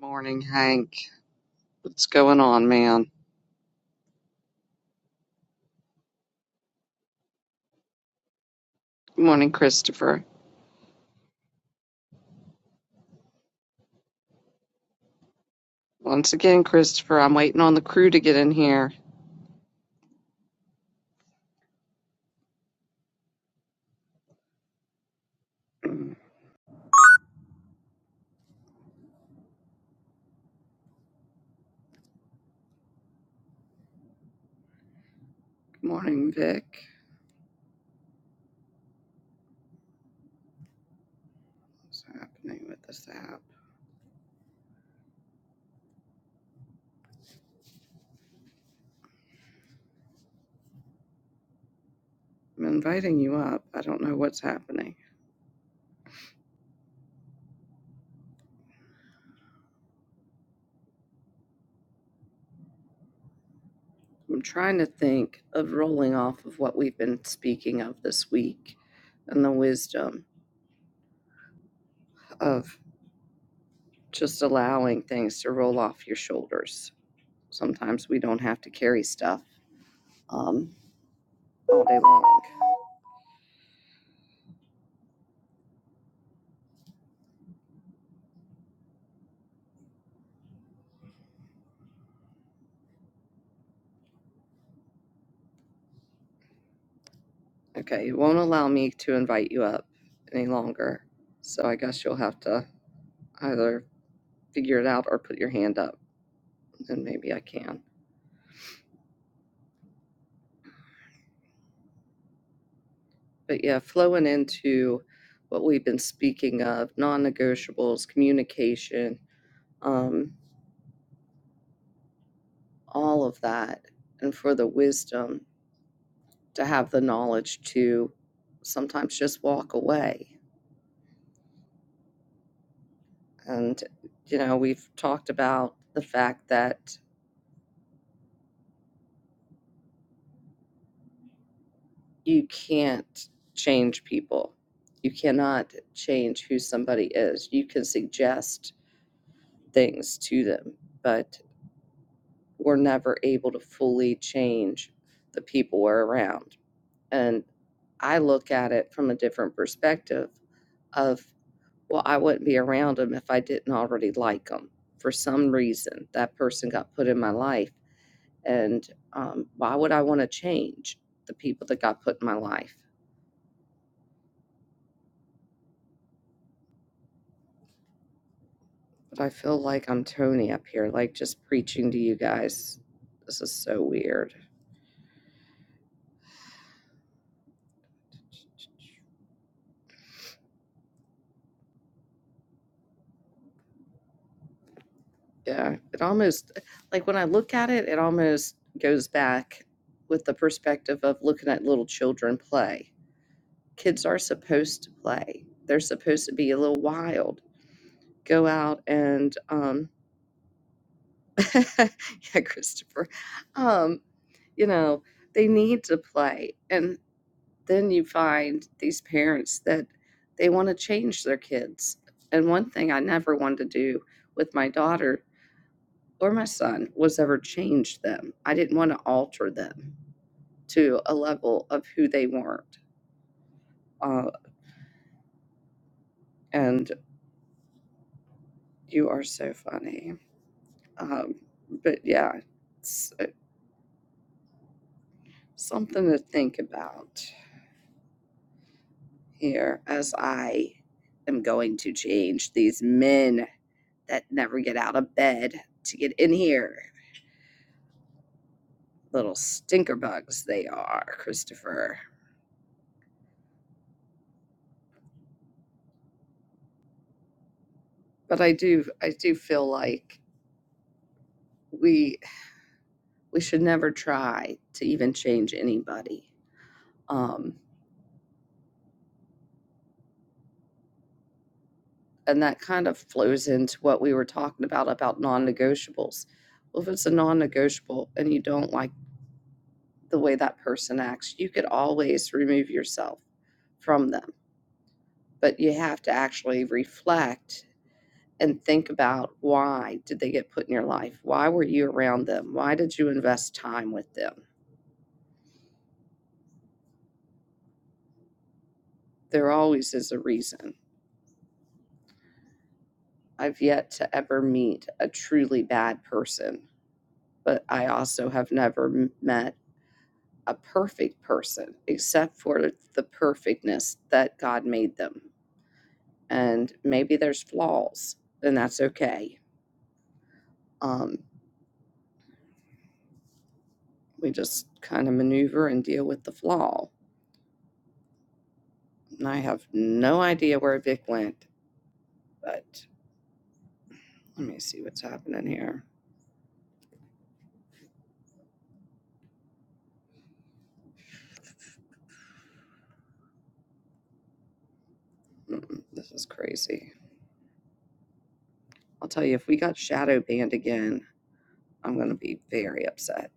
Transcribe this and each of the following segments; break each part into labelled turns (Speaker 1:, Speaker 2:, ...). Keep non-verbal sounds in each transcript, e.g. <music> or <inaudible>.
Speaker 1: Morning, Hank. What's going on, man? Good morning, Christopher. Once again, Christopher, I'm waiting on the crew to get in here. <clears throat> Good morning, Vic. What's happening with this app? I'm inviting you up. I don't know what's happening. I'm trying to think of rolling off of what we've been speaking of this week and the wisdom of just allowing things to roll off your shoulders. Sometimes we don't have to carry stuff um, all day long. Okay, it won't allow me to invite you up any longer. So I guess you'll have to either figure it out or put your hand up, and maybe I can. But yeah, flowing into what we've been speaking of non negotiables, communication, um, all of that, and for the wisdom to have the knowledge to sometimes just walk away. And, you know, we've talked about the fact that you can't change people. You cannot change who somebody is. You can suggest things to them, but we're never able to fully change the people we're around. And I look at it from a different perspective of, well, I wouldn't be around them if I didn't already like them. For some reason, that person got put in my life. And um, why would I want to change the people that got put in my life? I feel like I'm Tony up here, like just preaching to you guys. This is so weird. Yeah, it almost, like when I look at it, it almost goes back with the perspective of looking at little children play. Kids are supposed to play, they're supposed to be a little wild, go out and, um, <laughs> yeah, Christopher, um, you know, they need to play. and. then you find these parents that they want to change their kids. And one thing I never wanted to do with my daughter or my son was ever change them. I didn't want to alter them to a level of who they weren't. Uh, and you are so funny. Um, but yeah, it's uh, something to think about here as I am going to change these men that never get out of bed to get in here little stinker bugs they are, Christopher. But I do I do feel like we we should never try to even change anybody. Um, and that kind of flows into what we were talking about about non-negotiables. Well, if it's a non-negotiable and you don't like the way that person acts, you could always remove yourself from them. But you have to actually reflect and think about why did they get put in your life? Why were you around them? Why did you invest time with them? There always is a reason. I've yet to ever meet a truly bad person, but I also have never met a perfect person except for the perfectness that God made them. And maybe there's flaws, and that's okay. Um, we just kind of maneuver and deal with the flaw. And I have no idea where Vic went, but Let me see what's happening here. Mm-mm, this is crazy. I'll tell you, if we got shadow banned again, I'm going to be very upset.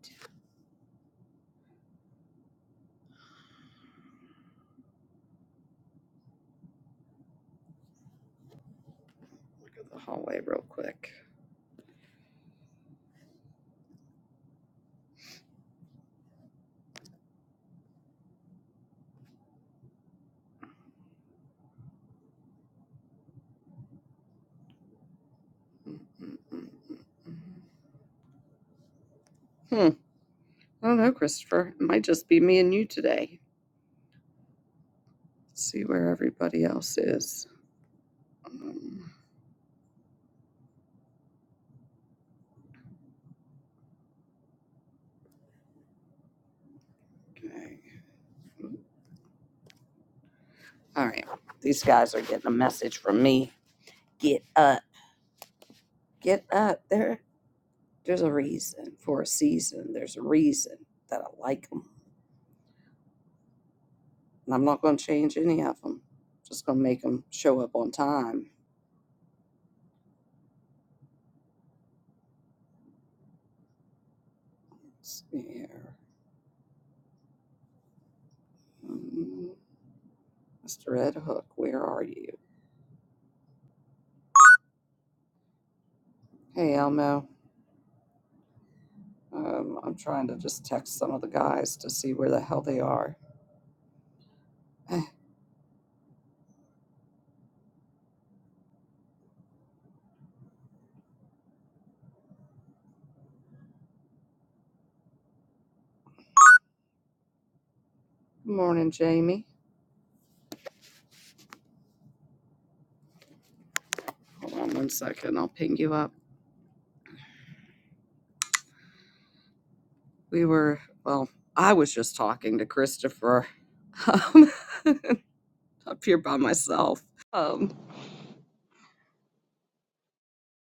Speaker 1: Look at the hallway real quick. Mm-mm. Hmm. I don't know, Christopher. It might just be me and you today. Let's see where everybody else is. Um, okay. All right. These guys are getting a message from me. Get up. Get up. There. There's a reason for a season. There's a reason that I like And I'm not going to change any of them. Just going to make them show up on time. Let's see here. Mm, Mr. Red Hook, where are you? Hey, Elmo. Um, I'm trying to just text some of the guys to see where the hell they are. <sighs> Eh, Good morning, Jamie. Hold on one second. I'll ping you up. We were, well, I was just talking to Christopher um, <laughs> up here by myself. Um,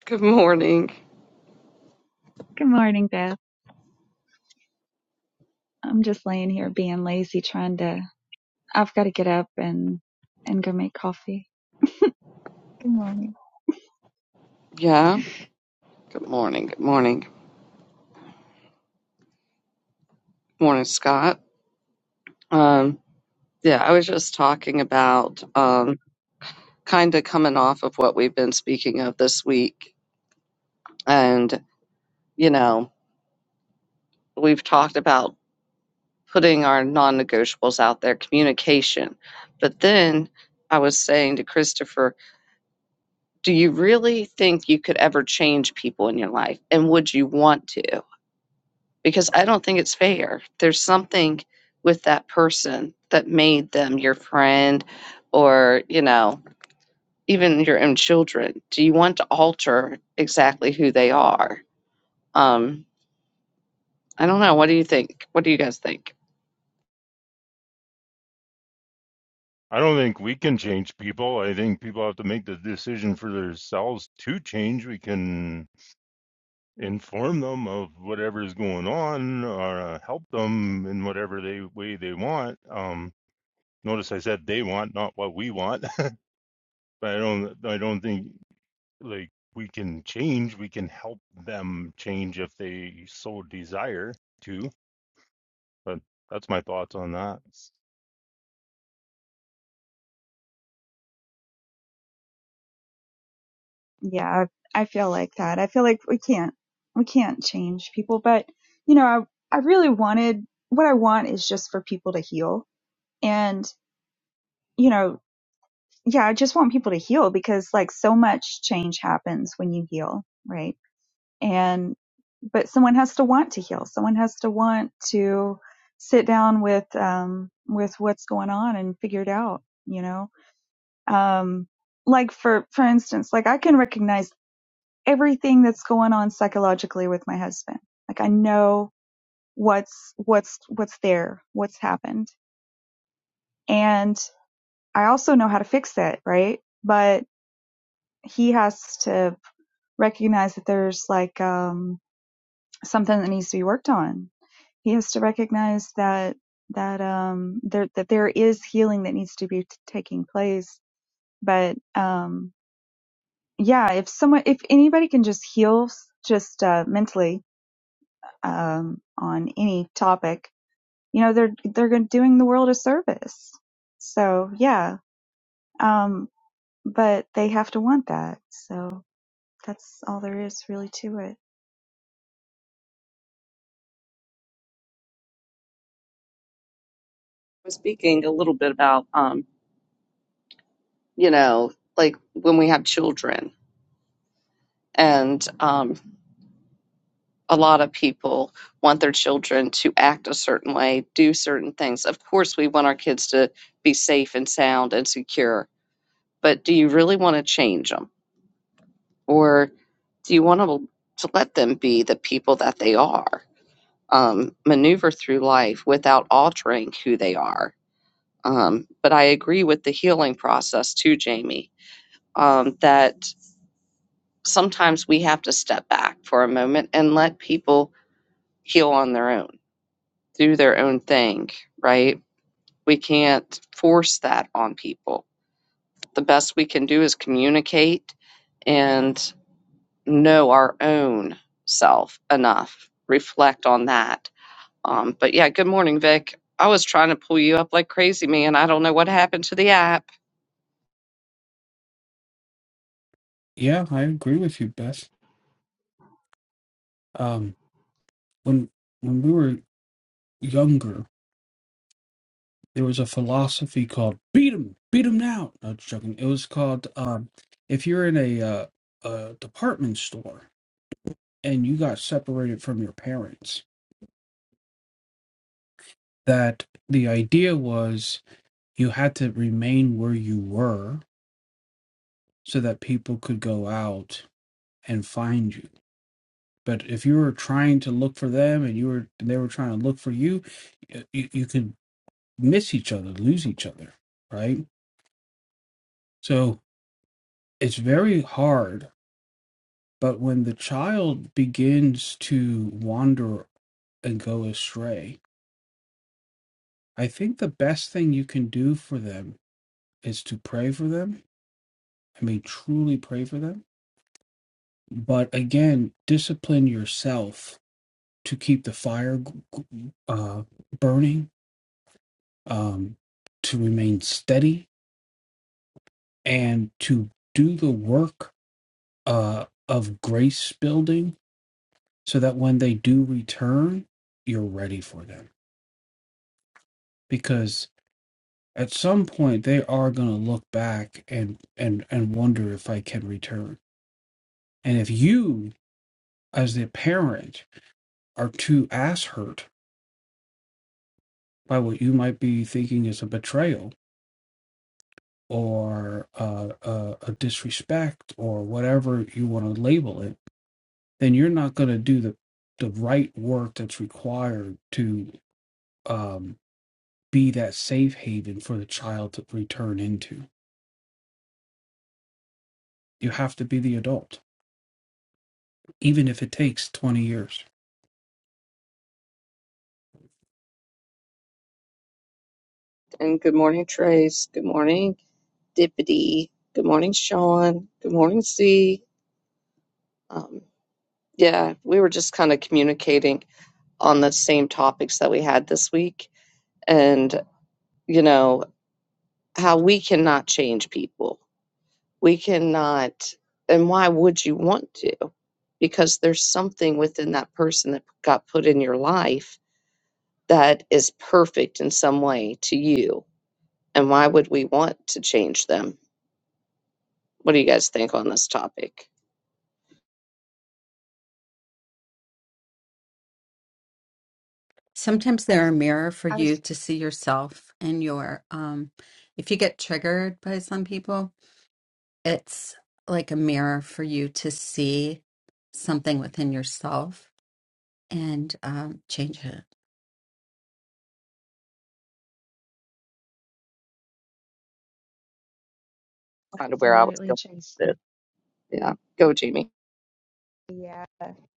Speaker 1: good morning.
Speaker 2: Good morning, Beth. I'm just laying here being lazy, trying to. I've got to get up and and go make coffee. Good morning.
Speaker 1: Yeah. Good morning. Good morning. Good morning, Scott. Um, Yeah, I was just talking about um, kind of coming off of what we've been speaking of this week. And, you know, we've talked about putting our non negotiables out there, communication. But then I was saying to Christopher, do you really think you could ever change people in your life? And would you want to? Because I don't think it's fair. There's something with that person that made them your friend or, you know, even your own children? Do you want to alter exactly who they are? Um, I don't know. What do you think? What do you guys think?
Speaker 3: I don't think we can change people. I think people have to make the decision for themselves to change. We can inform them of whatever is going on or uh, help them in whatever they way they want. Um, notice I said they want, not what we want. <laughs> but I don't. I don't think like we can change. We can help them change if they so desire to. But that's my thoughts on that.
Speaker 2: Yeah, I, I feel like that. I feel like we can't we can't change people, but you know, I I really wanted what I want is just for people to heal, and you know, yeah, I just want people to heal because like so much change happens when you heal, right? and but someone has to want to heal someone has to want to sit down with um with what's going on and figure it out you know um like for for instance like i can recognize everything that's going on psychologically with my husband like i know what's what's what's there what's happened and i also know how to fix it right but he has to recognize that there's like um something that needs to be worked on he has to recognize that that um there that there is healing that needs to be t- taking place but um yeah if someone if anybody can just heal s- just uh mentally um on any topic you know they're they're gon- doing the world a service so yeah um but they have to want that so that's all there is really to it
Speaker 1: was speaking a little bit about um, you know like when we have children and um, a lot of people want their children to act a certain way do certain things of course we want our kids to be safe and sound and secure but do you really want to change them Or do you want to, to let them be the people that they are, um, maneuver through life without altering who they are? Um, but I agree with the healing process too, Jamie, um, that sometimes we have to step back for a moment and let people heal on their own, do their own thing, right? We can't force that on people. The best we can do is communicate and. know our own self enough, reflect on that. Um, but yeah, good morning, Vic. I was trying to pull you up like crazy, man. I don't know what happened to the app.
Speaker 4: Yeah, I agree with you, Beth. Um, when when we were younger, there was a philosophy called "beat 'em, beat 'em now." No, just joking. It was called um, if you're in a, uh, a department store and you got separated from your parents, that the idea was you had to remain where you were so that people could go out and find you. But if you were trying to look for them and you were they were trying to look for you, you, you could miss each other, lose each other, right? So it's very hard. But when the child begins to wander and go astray, I think the best thing you can do for them is to pray for them. I mean, truly pray for them. But again, discipline yourself to keep the fire uh, burning, um, to remain steady, and to do the work uh, of grace building so that when they do return, you're ready for them. Because at some point they are going to look back and and and wonder if I can return. And if you, as the parent, are too ass hurt by what you might be thinking is a betrayal or uh, uh, a disrespect or whatever you want to label it, then you're not going to do the the right work that's required to um, be that safe haven for the child to return into You have to be the adult, even if it takes 20 years.
Speaker 1: And good morning, Trace. Good morning, Dippity. Good morning, Sean. Good morning, C. Um, yeah, we were just kind of communicating on the same topics that we had this week and, you know, how we cannot change people we cannot and why would you want to because there's something within that person that got put in your life that is perfect in some way to you and why would we want to change them what do you guys think on this topic
Speaker 5: Sometimes they're a mirror for you to see yourself and your um if you get triggered by some people, it's like a mirror for you to see something within yourself and um change it.
Speaker 1: kind of where i was
Speaker 2: Absolutely,
Speaker 1: going with
Speaker 2: Tracy.
Speaker 1: it yeah go jamie
Speaker 2: Yeah,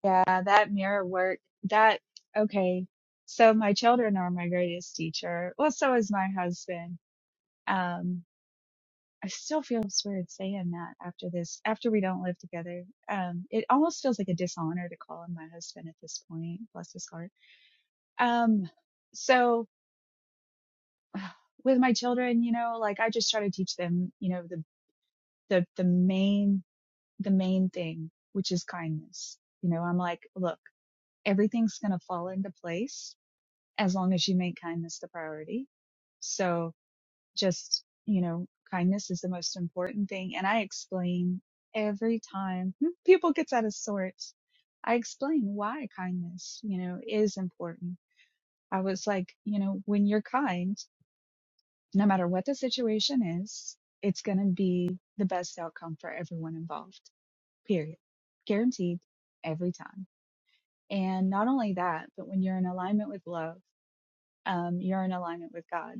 Speaker 2: yeah, that mirror work, that, okay. So my children are my greatest teacher. Well, so is my husband. Um, I still feel weird saying that after this, after we don't live together. Um, it almost feels like a dishonor to call him my husband at this point, bless his heart. Um, so with my children, you know, like I just try to teach them, you know, the, the, the main, the main thing, which is kindness. You know, I'm like, look, everything's going to fall into place as long as you make kindness the priority. So just, you know, kindness is the most important thing. And I explain every time <laughs> people gets out of sorts. I explain why kindness, you know, is important. I was like, you know, when you're kind, no matter what the situation is, it's going to be the best outcome for everyone involved, period. Guaranteed every time. And not only that, but when you're in alignment with love, um, you're in alignment with God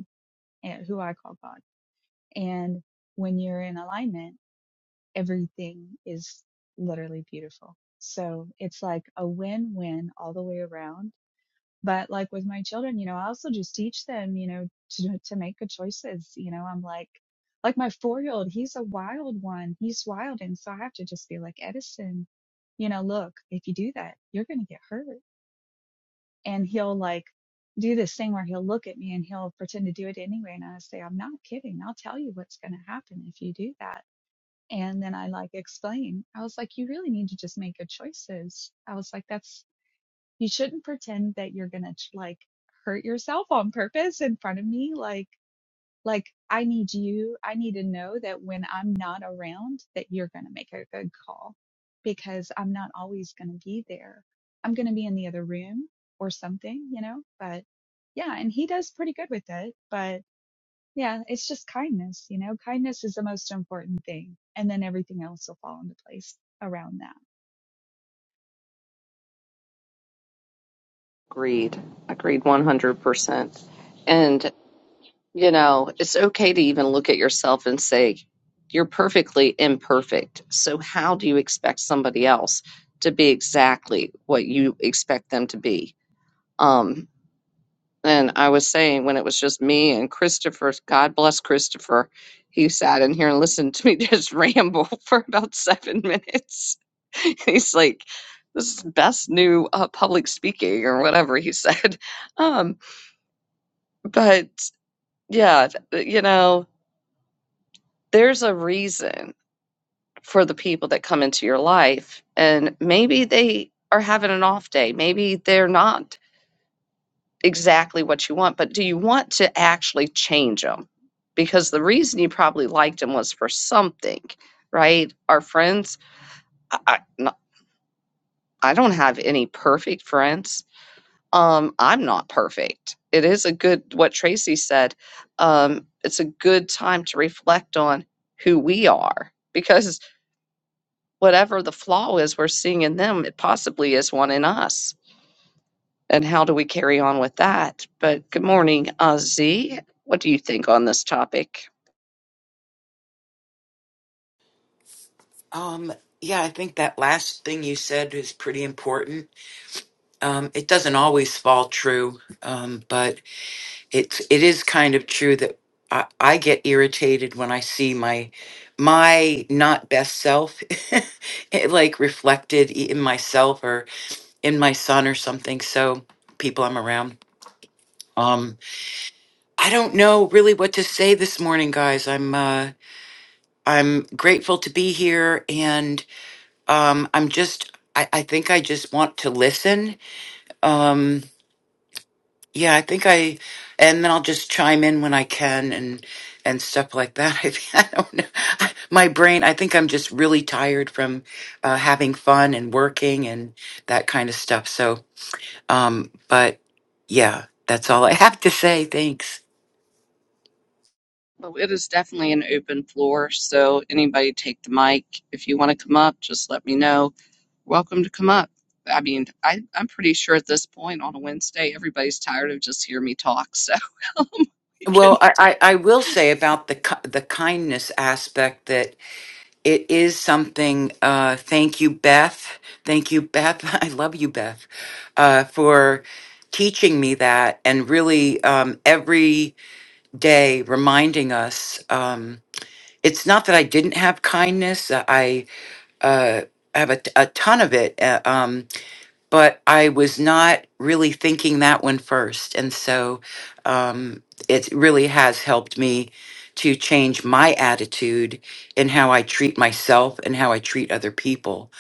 Speaker 2: and who I call God. And when you're in alignment, everything is literally beautiful. So it's like a win-win all the way around. But like with my children, you know, I also just teach them, you know, to, to make good choices. You know, I'm like, like my four-year-old, he's a wild one. He's wild. And so I have to just be like, Edison, you know, look, if you do that, you're going to get hurt and he'll like do this thing where he'll look at me and he'll pretend to do it anyway and i say i'm not kidding i'll tell you what's going to happen if you do that and then i like explain i was like you really need to just make good choices i was like that's you shouldn't pretend that you're going to like hurt yourself on purpose in front of me like like, I need you, I need to know that when I'm not around, that you're going to make a good call because I'm not always going to be there. I'm going to be in the other room or something, you know, but yeah, and he does pretty good with it. But yeah, it's just kindness, you know, kindness is the most important thing. And then everything else will fall into place around that.
Speaker 1: agreed agreed 100% and You know, it's okay to even look at yourself and say, you're perfectly imperfect. So, how do you expect somebody else to be exactly what you expect them to be? Um, and I was saying when it was just me and Christopher, God bless Christopher, he sat in here and listened to me <laughs> just ramble for about seven minutes. <laughs> He's like, this is the best new uh, public speaking or whatever he said. <laughs> Um, but yeah, th- you know. there's a reason for the people that come into your life and maybe they are having an off day maybe they're not exactly what you want but do you want to actually change them because the reason you probably liked them was for something right our friends i, I no- I don't have any perfect friends um i'm not perfect it is a good what tracy said um it's a good time to reflect on who we are because whatever the flaw is we're seeing in them, it possibly is one in us. And how do we carry on with that? But good morning, Ozzy. What do you think on this topic?
Speaker 6: Um, yeah, I think that last thing you said is pretty important. Um, it doesn't always fall true, um, but it's it is kind of true that I, I get irritated when I see my my not best self <laughs> it, like reflected i- in myself or in my son or something. So people I'm around. Um, I don't know really what to say this morning, guys. I'm uh, I'm grateful to be here Um, I'm just, I, I think I just want to listen. Um, yeah, I think I, and then I'll just chime in when I can and, and stuff like that. <laughs> I, I don't know. My brain, I think I'm just really tired from uh, having fun and working and that kind of stuff. So, um, but yeah, that's all I <laughs> have to say. Thanks.
Speaker 1: Well, it is definitely an open floor, so anybody take the mic. If you want to come up, just let me know. Welcome to come up. I mean, I, I'm pretty sure at this point on a Wednesday, everybody's tired of just hearing me talk, so <laughs> um, we can.
Speaker 6: Well, I, I, I will say about the ki- the kindness aspect that. It is something. Uh, thank you, Beth. Thank you, Beth. <laughs> I love you, Beth, uh, for teaching me that and really um, every day reminding us. Um, it's not that I didn't have kindness. I uh, have a, a ton of it. Uh, um, but I was not really thinking that one first. And so um, it really has helped me to change my attitude in how I treat myself and how I treat other people.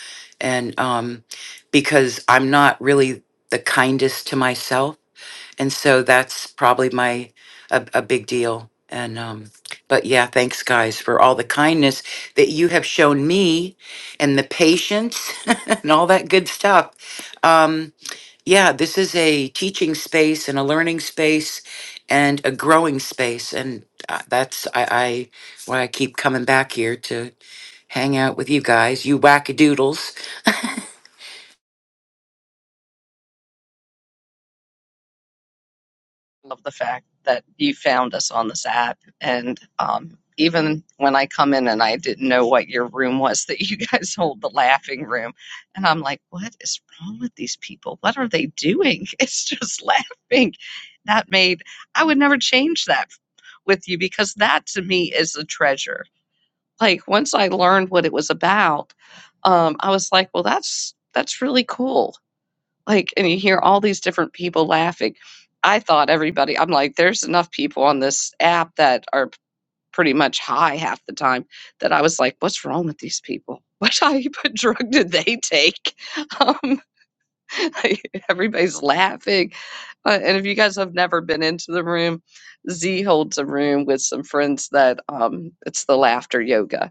Speaker 6: And um, because I'm not really the kindest to myself and so that's probably my a, a big deal and um but yeah thanks guys for all the kindness that you have shown me and the patience <laughs> and all that good stuff um yeah this is a teaching space and a learning space and a growing space and uh, that's I, I why i keep coming back here to hang out with you guys you wackadoodles
Speaker 1: love the fact that you found us on this app. And um, even when I come in and I didn't know what your room was, <laughs> that you guys <laughs> hold the laughing room. And I'm like, what is wrong with these people? What are they doing? <laughs> It's just laughing. That made, I would never change that with you because that to me is a treasure. Like once I learned what it was about, um, I was like, well, that's that's really cool like, and you hear all these different people laughing. I thought everybody, I'm like, there's enough people on this app that are p- pretty much high half the time that I was like, what's wrong with these people? <laughs> What type of drug did they take? <laughs> Um, <laughs> everybody's laughing. Uh, and if you guys have never been into the room, Z holds a room with some friends that um, it's the laughter yoga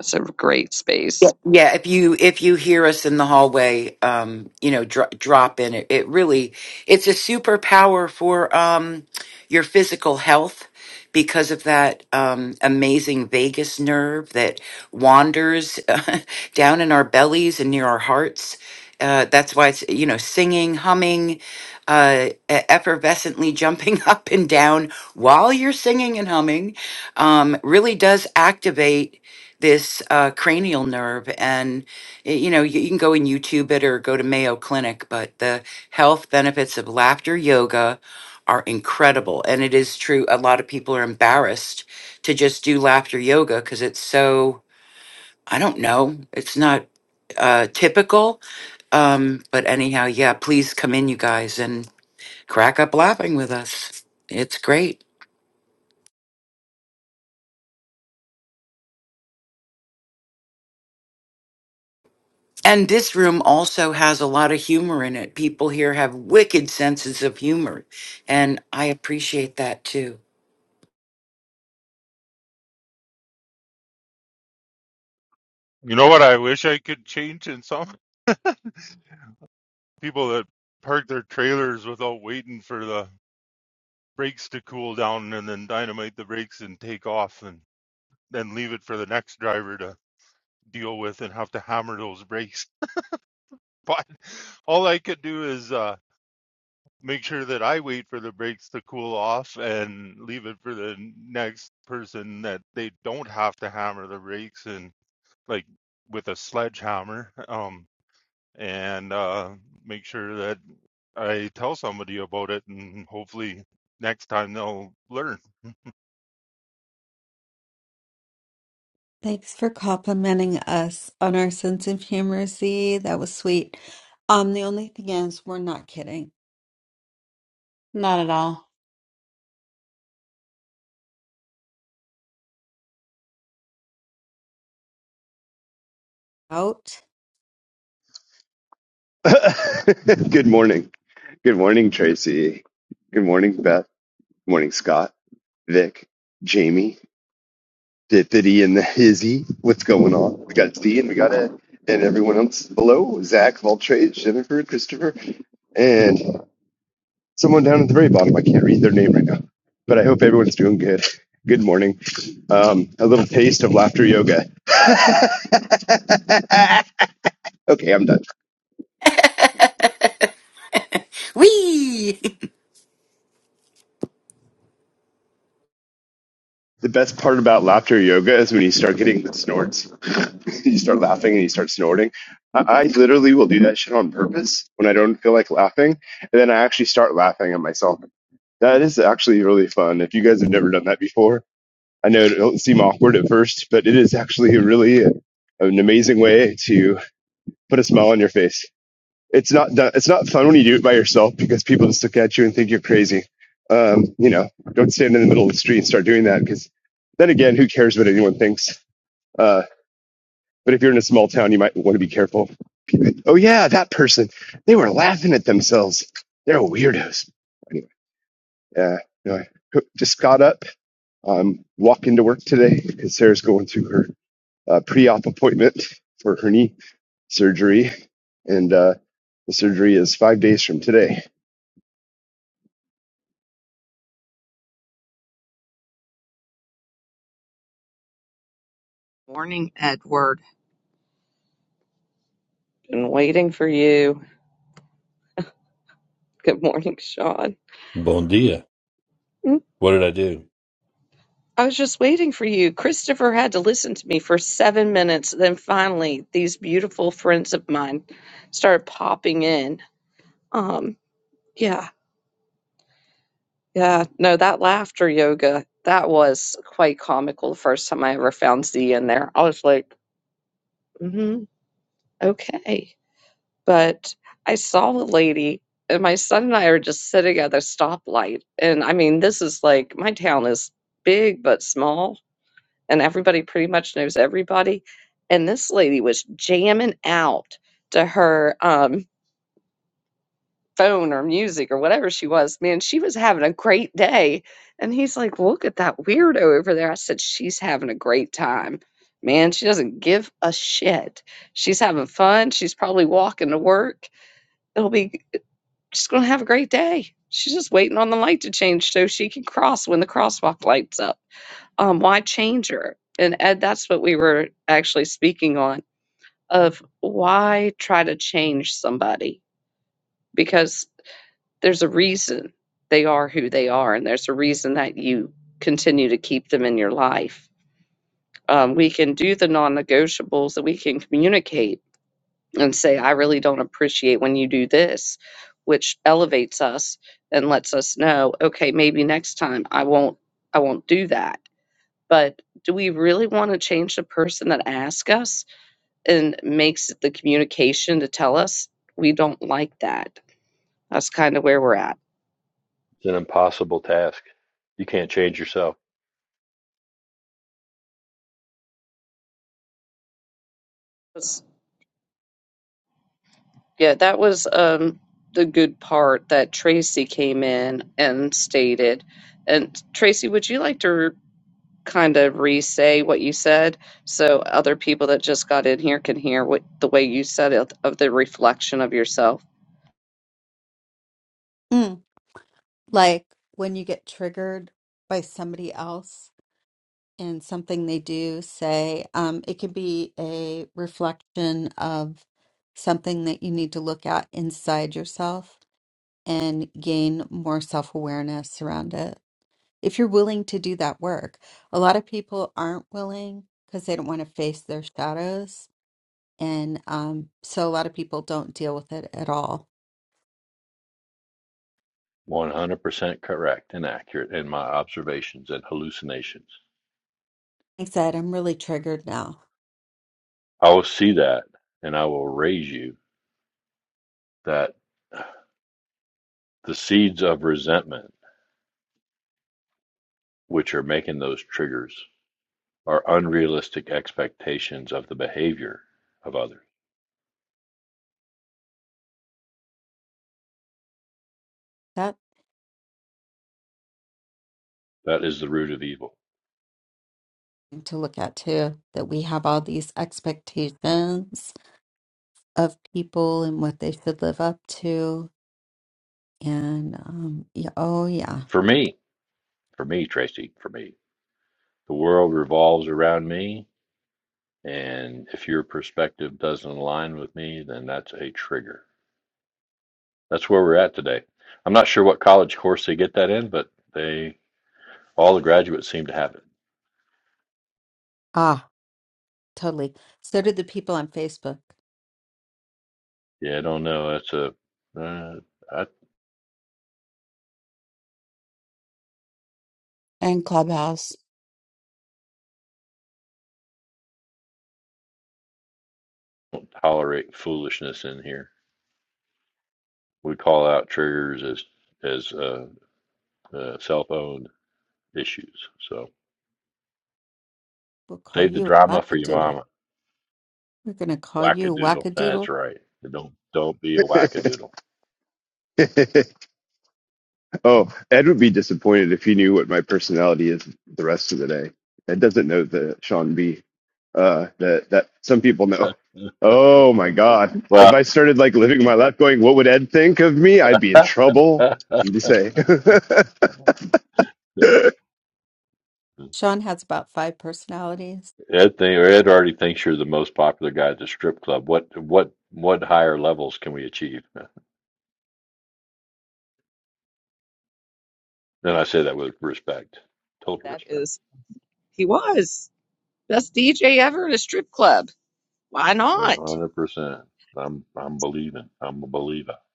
Speaker 1: it's a great
Speaker 6: Yeah,
Speaker 1: space.
Speaker 6: yeah. If you if you hear us in the hallway, um, you know, dro- drop in. It, it really, it's a superpower for um your physical health because of that um amazing vagus nerve that wanders <laughs> down in our bellies and near our hearts. Uh, that's why it's you know singing, humming, uh, e- effervescently jumping <laughs> up and down while you're singing and humming, um, really does activate this uh, cranial nerve. And, y- you know, you, you can go and YouTube it or go to Mayo Clinic, but the health benefits of laughter yoga are incredible. And it is true, a lot of people are embarrassed to just do laughter yoga because it's so, I don't know, it's not uh typical um but anyhow yeah please come in you guys and crack up laughing with us it's great And this room also has a lot of humor in it. People here have wicked senses of humor, and I appreciate that too.
Speaker 3: You know what I wish I could change in some? people that park their trailers without waiting for the brakes to cool down and then dynamite the brakes and take off and then leave it for the next driver to deal with and have to hammer those brakes. <laughs> But all I could do is uh, make sure that I wait for the brakes to cool off and leave it for the next person that they don't have to hammer the brakes and like with a sledgehammer. Um, and uh, make sure that I tell somebody about it, and hopefully next time they'll learn.
Speaker 5: Thanks for complimenting us on our sense of humor, Z. That was sweet. Um, the only thing is, we're not kidding.
Speaker 7: Not at all.
Speaker 5: Out.
Speaker 8: <laughs> Good morning. Good morning, Tracy. Good morning, Beth. Good morning, Scott, Vic, Jamie, Dippity, and the Hizzy. What's going on? We got D and we got Ed and everyone else below Zach, Valtrage, Jennifer, Christopher, and someone down at the very bottom. I can't read their name right now, but I hope everyone's doing good. Good morning. Um, a little taste of laughter yoga. <laughs> okay, I'm done.
Speaker 6: Whee! <laughs>
Speaker 8: The best part about laughter yoga is when you start getting the snorts. <laughs> you start laughing and you start snorting. I, I literally will do that shit on purpose when I don't feel like laughing, and then I actually start laughing at myself. That is actually really fun. If you guys have never done that before, I know it don't seem awkward at first, but it is actually really a, an amazing way to put a smile on your face it's not done, it's not fun when you do it by yourself because people just look at you and think you're crazy. Um, you know, don't stand in the middle of the street and start doing that because then again, who cares what anyone thinks? Uh, but if you're in a small town, you might want to be careful. Oh yeah, that person, they were laughing at themselves. They're weirdos. Anyway, yeah, no, I just got up. I'm walking to work today because Sarah's going to her uh, pre-op appointment for her knee surgery, and uh, the surgery is five days from today.
Speaker 1: Morning, Edward. Been waiting for you. Good morning, Sean.
Speaker 9: Bon dia.
Speaker 1: Mm,
Speaker 9: What did I do?
Speaker 1: I was just waiting for you. Christopher had to listen to me for seven minutes. Then finally, these beautiful friends of mine started popping in. Um, yeah, Yeah, no, that laughter yoga, that was quite comical the first time I ever found Z in there. I was like, mm-hmm, okay. But I saw a lady, and my son and I are just sitting at a stoplight. And I mean, this is like my town is big but small, and everybody pretty much knows everybody. And this lady was jamming out to her. um, phone or music or whatever she was, man, she was having a great day. And he's like, Look at that weirdo over there. I said, She's having a great time. Man, she doesn't give a shit. She's having fun. She's probably walking to work. It'll be, she's going to have a great day. She's just waiting on the light to change so she can cross when the crosswalk lights up. Um, why change her? And Ed, that's what we were actually speaking on of why try to change somebody? because. There's a reason they are who they are, and there's a reason that you continue to keep them in your life. Um, we can do the non negotiables and we can communicate and say, I really don't appreciate when you do this, which elevates us and lets us know, okay, maybe next time I won't I won't do that. But do we really want to change the person that asks us and makes the communication to tell us we don't like that? That's kind of where we're at.
Speaker 9: It's an impossible task. You can't change yourself.
Speaker 1: Yeah, that was um, the good part that Tracy came in and stated. And Tracy, would you like to kind of re-say what you said so other people that just got in here can hear what the way you said it of the reflection of yourself?
Speaker 5: Mm. Like when you get triggered by somebody else. and something they do say. Um, it could be a reflection of something that you need to look at inside yourself and gain more self awareness around it. If you're willing to do that work, a lot of people aren't willing because they don't want to face their shadows. And um, so a lot of people don't deal with it at all.
Speaker 9: 100% correct and accurate in my observations and hallucinations.
Speaker 5: Like I said, I'm really triggered now.
Speaker 9: I will see that and I will raise you that the seeds of resentment, which are making those triggers, are unrealistic expectations of the behavior of others.
Speaker 5: That
Speaker 9: That is the root of evil.
Speaker 5: to look at too, that we have all these expectations of people and what they should live up to. And um, yeah, oh yeah,
Speaker 9: For me, for me, Tracy, for me. The world revolves around me And if your perspective doesn't align with me, then that's a trigger. That's where we're at today. I'm not sure what college course they get that in, but they all the graduates seem to have it.
Speaker 5: ah, totally. So did the people on Facebook.
Speaker 9: Yeah, I don't know. That's a uh, I
Speaker 7: And Clubhouse.
Speaker 9: don't tolerate foolishness in here. We call out triggers as as uh, uh, self-owned issues. So
Speaker 5: We'll call
Speaker 9: save the
Speaker 5: you
Speaker 9: drama for your
Speaker 5: Wackadoodle.
Speaker 9: mama.
Speaker 5: We're going to call you
Speaker 9: Wackadoodle. That's
Speaker 5: Wackadoodle.
Speaker 9: right. Don't don't be a wackadoodle.
Speaker 8: <laughs> oh, Ed would be disappointed if he knew what my personality is the rest of the day. Ed doesn't know the Sean B. Uh, that that some people know.
Speaker 9: <laughs>
Speaker 8: Oh my God! If
Speaker 9: well.
Speaker 8: I started like living my life going, what would Ed think of me? I'd be in trouble. What do you say? <laughs>
Speaker 9: <laughs>
Speaker 5: Sean has about five personalities.
Speaker 9: Ed think, or Ed already thinks you're the most popular guy at the strip club. What what what higher levels can we achieve? <laughs> And I say that with respect, total
Speaker 1: That
Speaker 9: respect,
Speaker 1: is, he was best DJ ever at a strip club. Why
Speaker 9: one
Speaker 1: not?
Speaker 9: hundred percent. I'm I'm believing. I'm a believer. <laughs>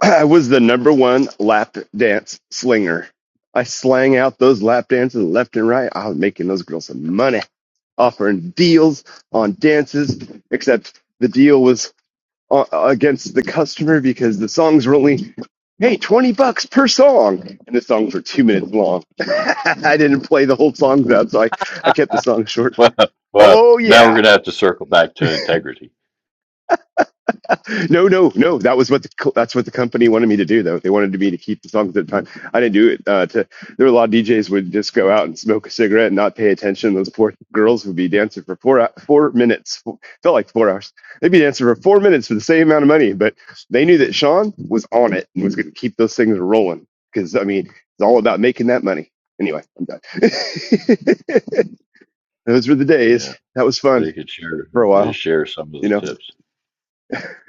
Speaker 8: I was the number one lap dance slinger. I slang out those lap dances left and right. I was making those girls some money, offering deals on dances, except the deal was uh, against the customer because the songs were only, hey, 20 bucks per song. And the songs were two minutes long. <laughs> I didn't play the whole songs out, so I, I kept the song short.
Speaker 9: Well, well,
Speaker 8: Oh,
Speaker 9: now
Speaker 8: yeah.
Speaker 9: we're gonna have to circle back to integrity.
Speaker 8: No, no, no. That was what the co- that's what the company wanted me to do, though. They wanted me to keep the songs at the time. I didn't do it. Uh, to there were a lot of DJs would just go out and smoke a cigarette and not pay attention. Those poor girls would be dancing for four hou- four minutes. Four, felt like four hours. They'd be dancing for four minutes for the same amount of money, but they knew that Sean was on it and was going to keep those things rolling. Because I mean, it's all about making that money. Anyway, I'm done. <laughs> those were the days.
Speaker 9: Yeah,
Speaker 8: That was
Speaker 9: they
Speaker 8: fun
Speaker 9: could share
Speaker 8: for a
Speaker 9: they
Speaker 8: while.
Speaker 9: share some of
Speaker 8: You
Speaker 9: the
Speaker 8: know.
Speaker 9: tips.
Speaker 8: <laughs>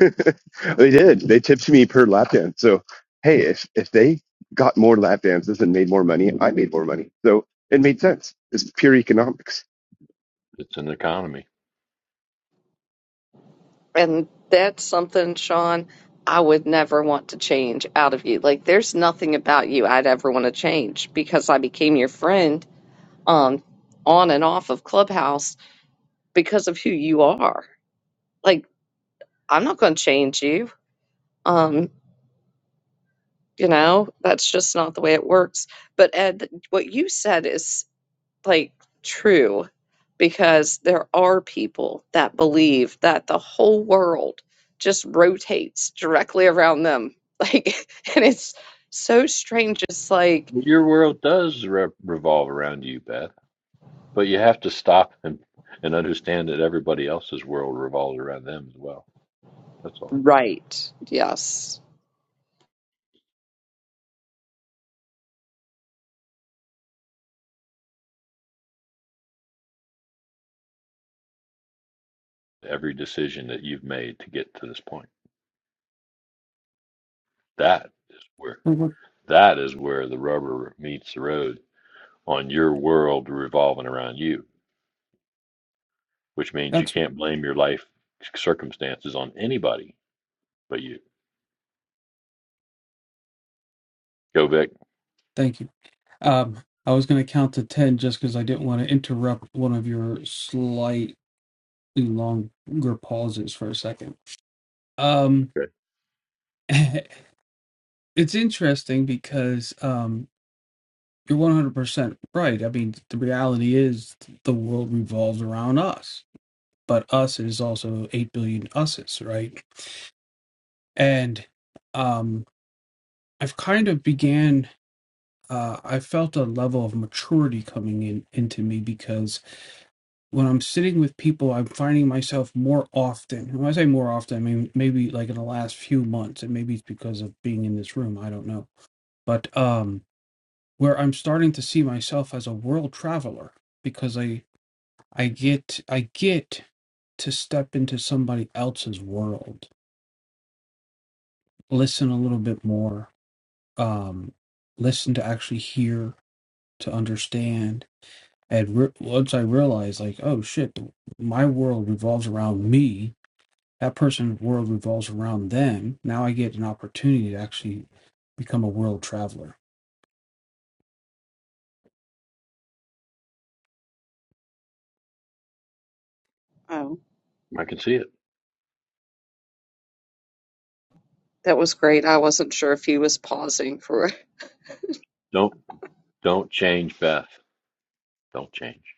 Speaker 8: they did. They tipped me per lap dance. So hey, if if they got more lap dances and made more money, I made more money. So it made sense. It's pure economics.
Speaker 9: It's an economy.
Speaker 1: And that's something, Sean, I would never want to change out of you. Like, there's nothing about you I'd ever want to change because I became your friend um, on and off of Clubhouse because of who you are. Like, I'm not going to change you. Um, you know, that's just not the way it works. But Ed, what you said is like true because there are people that believe that the whole world just rotates directly around them. Like, <laughs> and it's so strange. It's like,
Speaker 9: Your world does re- revolve around you, Beth, but you have to stop and and understand that everybody else's world revolves around them as well. That's all.
Speaker 1: right. Yes.
Speaker 9: every decision that you've made to get to this point. That is where
Speaker 4: Well, well,
Speaker 9: that is where the rubber meets the road on your world revolving around you, which means you
Speaker 4: That's
Speaker 9: can't blame your life circumstances on anybody but you. Go back.
Speaker 4: thank you. Um, I was going to count to 10 just because I didn't want to interrupt one of your slightly longer pauses for a second. Um,
Speaker 9: Okay.
Speaker 4: <laughs> it's interesting because um, you're 100% right. I mean, the reality is the world revolves around us, but us is also 8 billion us's, right? And um, I've kind of began uh, I felt a level of maturity coming in into me because when I'm sitting with people, I'm finding myself more often. And when I say more often, I mean maybe like in the last few months, and maybe it's because of being in this room. I don't know, but um, where I'm starting to see myself as a world traveler because I I get I get to step into somebody else's world, listen a little bit more, um, listen to actually hear to understand And re- once I realized, like, oh shit, my world revolves around me. That person's world revolves around them. Now I get an opportunity to actually become a world traveler.
Speaker 1: Oh,
Speaker 9: I can see it.
Speaker 1: that was great. I wasn't sure if he was pausing for
Speaker 9: Don't don't change Beth. Don't change.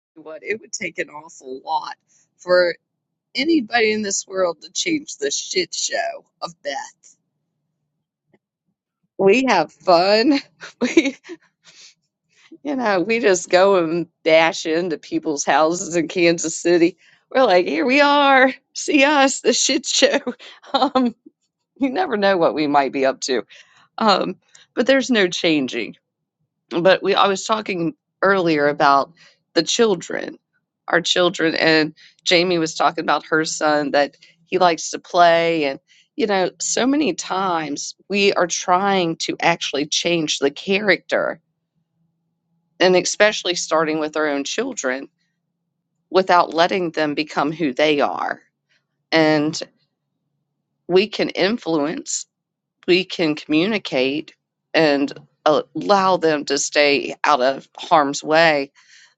Speaker 1: <laughs> what it would take an awful lot for anybody in this world to change the shit show of Beth. We have fun. <laughs> You know, we just go and bash into people's houses in Kansas City. We're like, here we are. See us, the shit show. <laughs> Um, you never know what we might be up to. Um, but there's no changing. But we, I was talking earlier about the children, our children, and Jamie was talking about her son that he likes to play. And, you know, so many times we are trying to actually change the character and especially starting with our own children without letting them become who they are. And we can influence, we can communicate, and allow them to stay out of harm's way.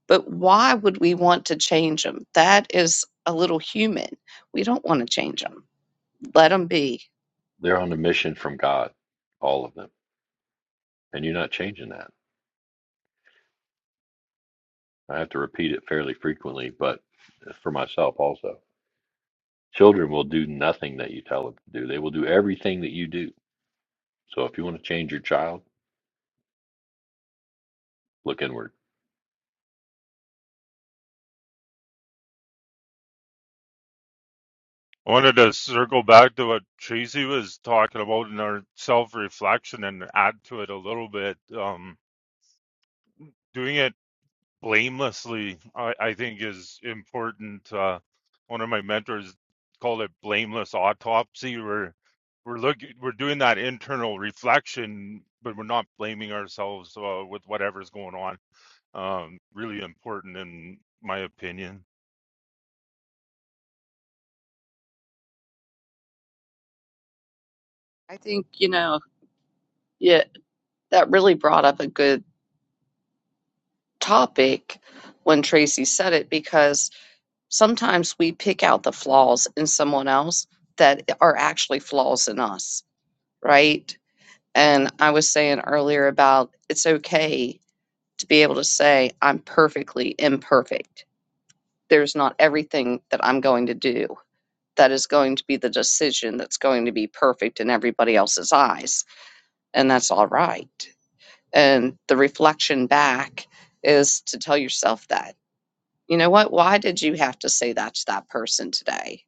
Speaker 1: But why would we want to change them? That is a little human. We don't want to change them. Let them be.
Speaker 9: They're on a mission from God, all of them. And you're not changing that. I have to repeat it fairly frequently, but for myself also. Children will do nothing that you tell them to do. They will do everything that you do So if you want to change your child, look inward.
Speaker 3: I wanted to circle back to what Tracy was talking about in our self reflection and add to it a little bit. Um, doing it blamelessly, I, I think, is important. Uh, one of my mentors called it blameless autopsy, where we're looking, we're doing that internal reflection, but we're not blaming ourselves uh, with whatever's going on Um, really important in my opinion.
Speaker 1: I think, you know, yeah, that really brought up a good topic when Tracy said it because sometimes we pick out the flaws in someone else that are actually flaws in us, right? And I was saying earlier about it's okay to be able to say, I'm perfectly imperfect. There's not everything that I'm going to do that is going to be the decision that's going to be perfect in everybody else's eyes. And that's all right. And the reflection back is to tell yourself that, you know what? Why did you have to say that to that person today?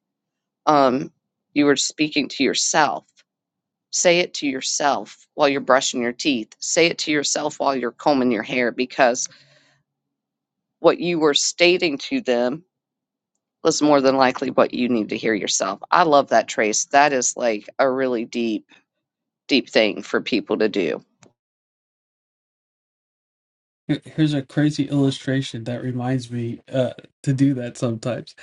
Speaker 1: um, you were speaking to yourself. Say it to yourself while you're brushing your teeth. Say it to yourself while you're combing your hair because what you were stating to them was more than likely what you need to hear yourself. I love that, Trace. That is like a really deep, deep thing for people to do
Speaker 4: Here- Here's a crazy illustration that reminds me uh, to do that sometimes.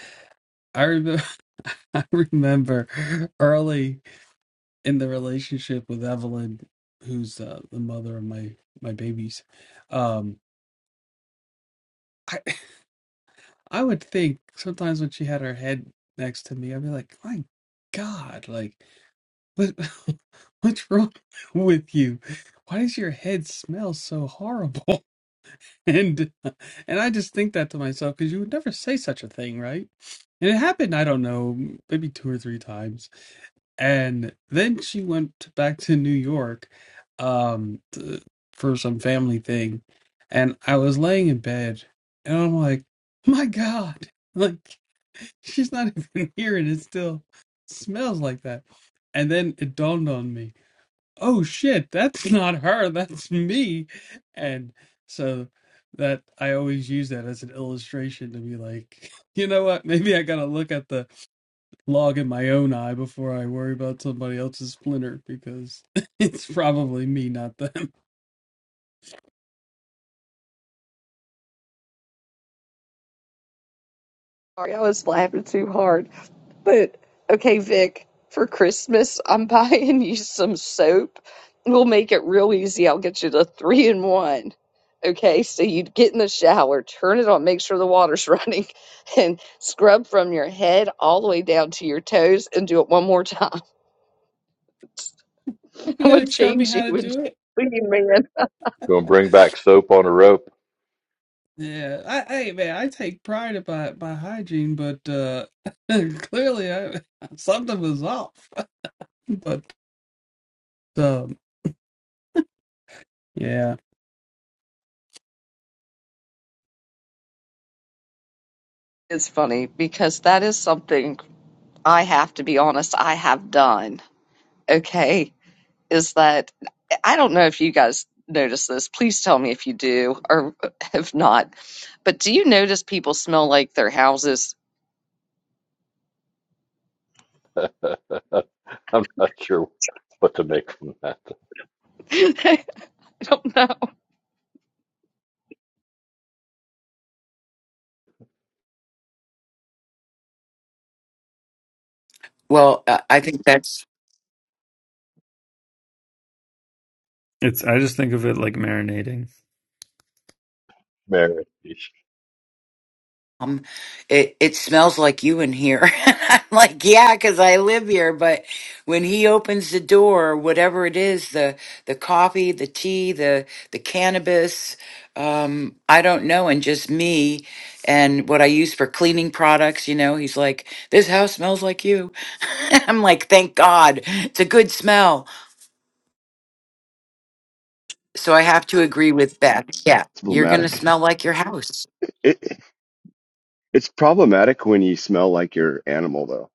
Speaker 4: I remember, <laughs> I remember early in the relationship with Evelyn, who's uh, the mother of my my babies. Um, I would think sometimes when she had her head next to me, I'd be like, "My God, like what <laughs> what's wrong with you? Why does your head smell so horrible?" <laughs> And and I just think that to myself because you would never say such a thing, right? And it happened, I don't know, maybe two or three times and then she went back to New York um t- for some family thing and I was laying in bed and I'm like my god <laughs> like she's not <laughs> even here and it still smells like that and then it dawned on me oh shit that's <laughs> not her that's me and so that I always use that as an illustration to be like <laughs> you know what maybe I got to look at the log in my own eye before I worry about somebody else's splinter because <laughs> it's probably me, not them. <laughs>
Speaker 1: Sorry, I was laughing too hard. But okay, Vic, for Christmas, I'm <laughs> buying you some soap. We'll make it real easy. I'll get you the three in one. Okay, so you'd get in the shower, turn it on, make sure the water's <laughs> running, and scrub from your head all the way down to your toes and do it one more time.
Speaker 4: You
Speaker 1: <laughs> I'm gonna
Speaker 4: gonna show me
Speaker 1: change you
Speaker 4: how to
Speaker 1: and
Speaker 4: do it?
Speaker 1: <laughs> you man.
Speaker 9: Going to bring back soap on a rope.
Speaker 4: Yeah, I, hey man, I take pride about my hygiene, but uh <laughs> clearly I, something was off. <laughs> But um, yeah,
Speaker 1: It's funny because that is something I have to be honest, I have done. Okay is that I don't know if you guys notice this. Please tell me if you do or if not. But do you notice people smell like their houses?
Speaker 9: <laughs> I'm not sure what to make from that,
Speaker 1: <laughs> I don't know.
Speaker 6: Well, uh, I think that's
Speaker 10: It's I just think of it like marinating.
Speaker 9: Mary. It
Speaker 6: um it it smells like you in here <laughs> i'm like yeah because i live here but when he opens the door whatever it is the the coffee the tea the the cannabis um i don't know and just me and what i use for cleaning products you know he's like this house smells like you <laughs> i'm like thank god it's a good smell so i have to agree with beth yeah
Speaker 8: It's
Speaker 6: you're gonna
Speaker 8: problematic.
Speaker 6: smell like your house
Speaker 8: It it's problematic when you smell like your animal though.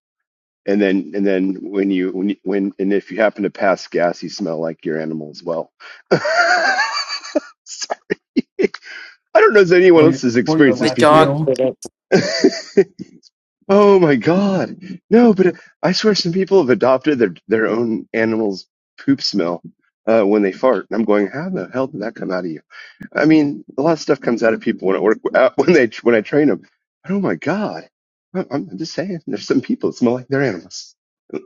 Speaker 8: And then and then when you when you, when and if you happen to pass gas, you smell like your animal as well. <laughs> I don't know if anyone
Speaker 4: or
Speaker 8: else
Speaker 4: your
Speaker 8: has
Speaker 4: or your
Speaker 8: experienced
Speaker 6: the
Speaker 8: this
Speaker 4: last
Speaker 6: dog
Speaker 8: before.
Speaker 4: meal.
Speaker 6: did it
Speaker 8: <laughs> Oh my God. No, but I swear some people have adopted their, their own animal's poop smell uh, when they fart. And I'm going, how in the hell did that come out of you? I mean, a lot of stuff comes out of people when I work uh, <laughs> when they when I train them. But oh my God. I- I'm just saying, there's some people that smell like they're animals.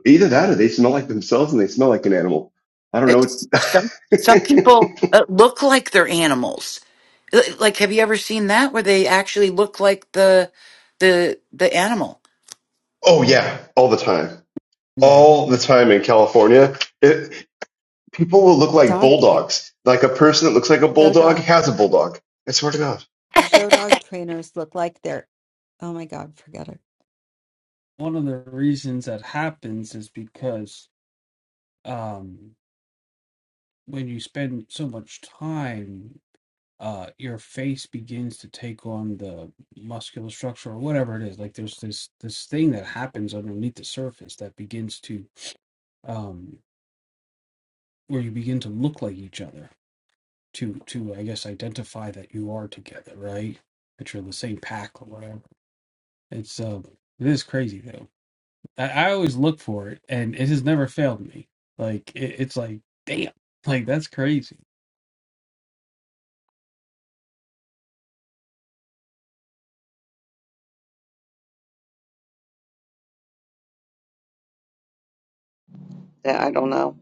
Speaker 8: Either that or they smell like themselves and they smell like an animal. I don't know.
Speaker 6: It's, some
Speaker 8: what-
Speaker 6: some people
Speaker 8: <laughs>
Speaker 6: uh, look like they're animals. L- Like, have you ever seen that where they actually look like the the the animal?
Speaker 8: oh yeah, all the time.
Speaker 4: <laughs> Yeah,
Speaker 8: All the time in California. People will look like
Speaker 5: Dog train,
Speaker 8: bulldogs. Like a person that looks like a
Speaker 5: show
Speaker 8: bulldog
Speaker 5: dog,
Speaker 8: has a bulldog. I swear to God.
Speaker 5: show dog trainers look like they're. Oh my God, forget it.
Speaker 4: one of the reasons that happens is because um when you spend so much time uh your face begins to take on the muscular structure or whatever it is like there's this this thing that happens underneath the surface that begins to um where you begin to look like each other to to i guess identify that you are together right that you're the same pack or whatever it's um it is crazy though i, I always look for it and it has never failed me like it, it's like damn like that's crazy
Speaker 1: Yeah, I don't know.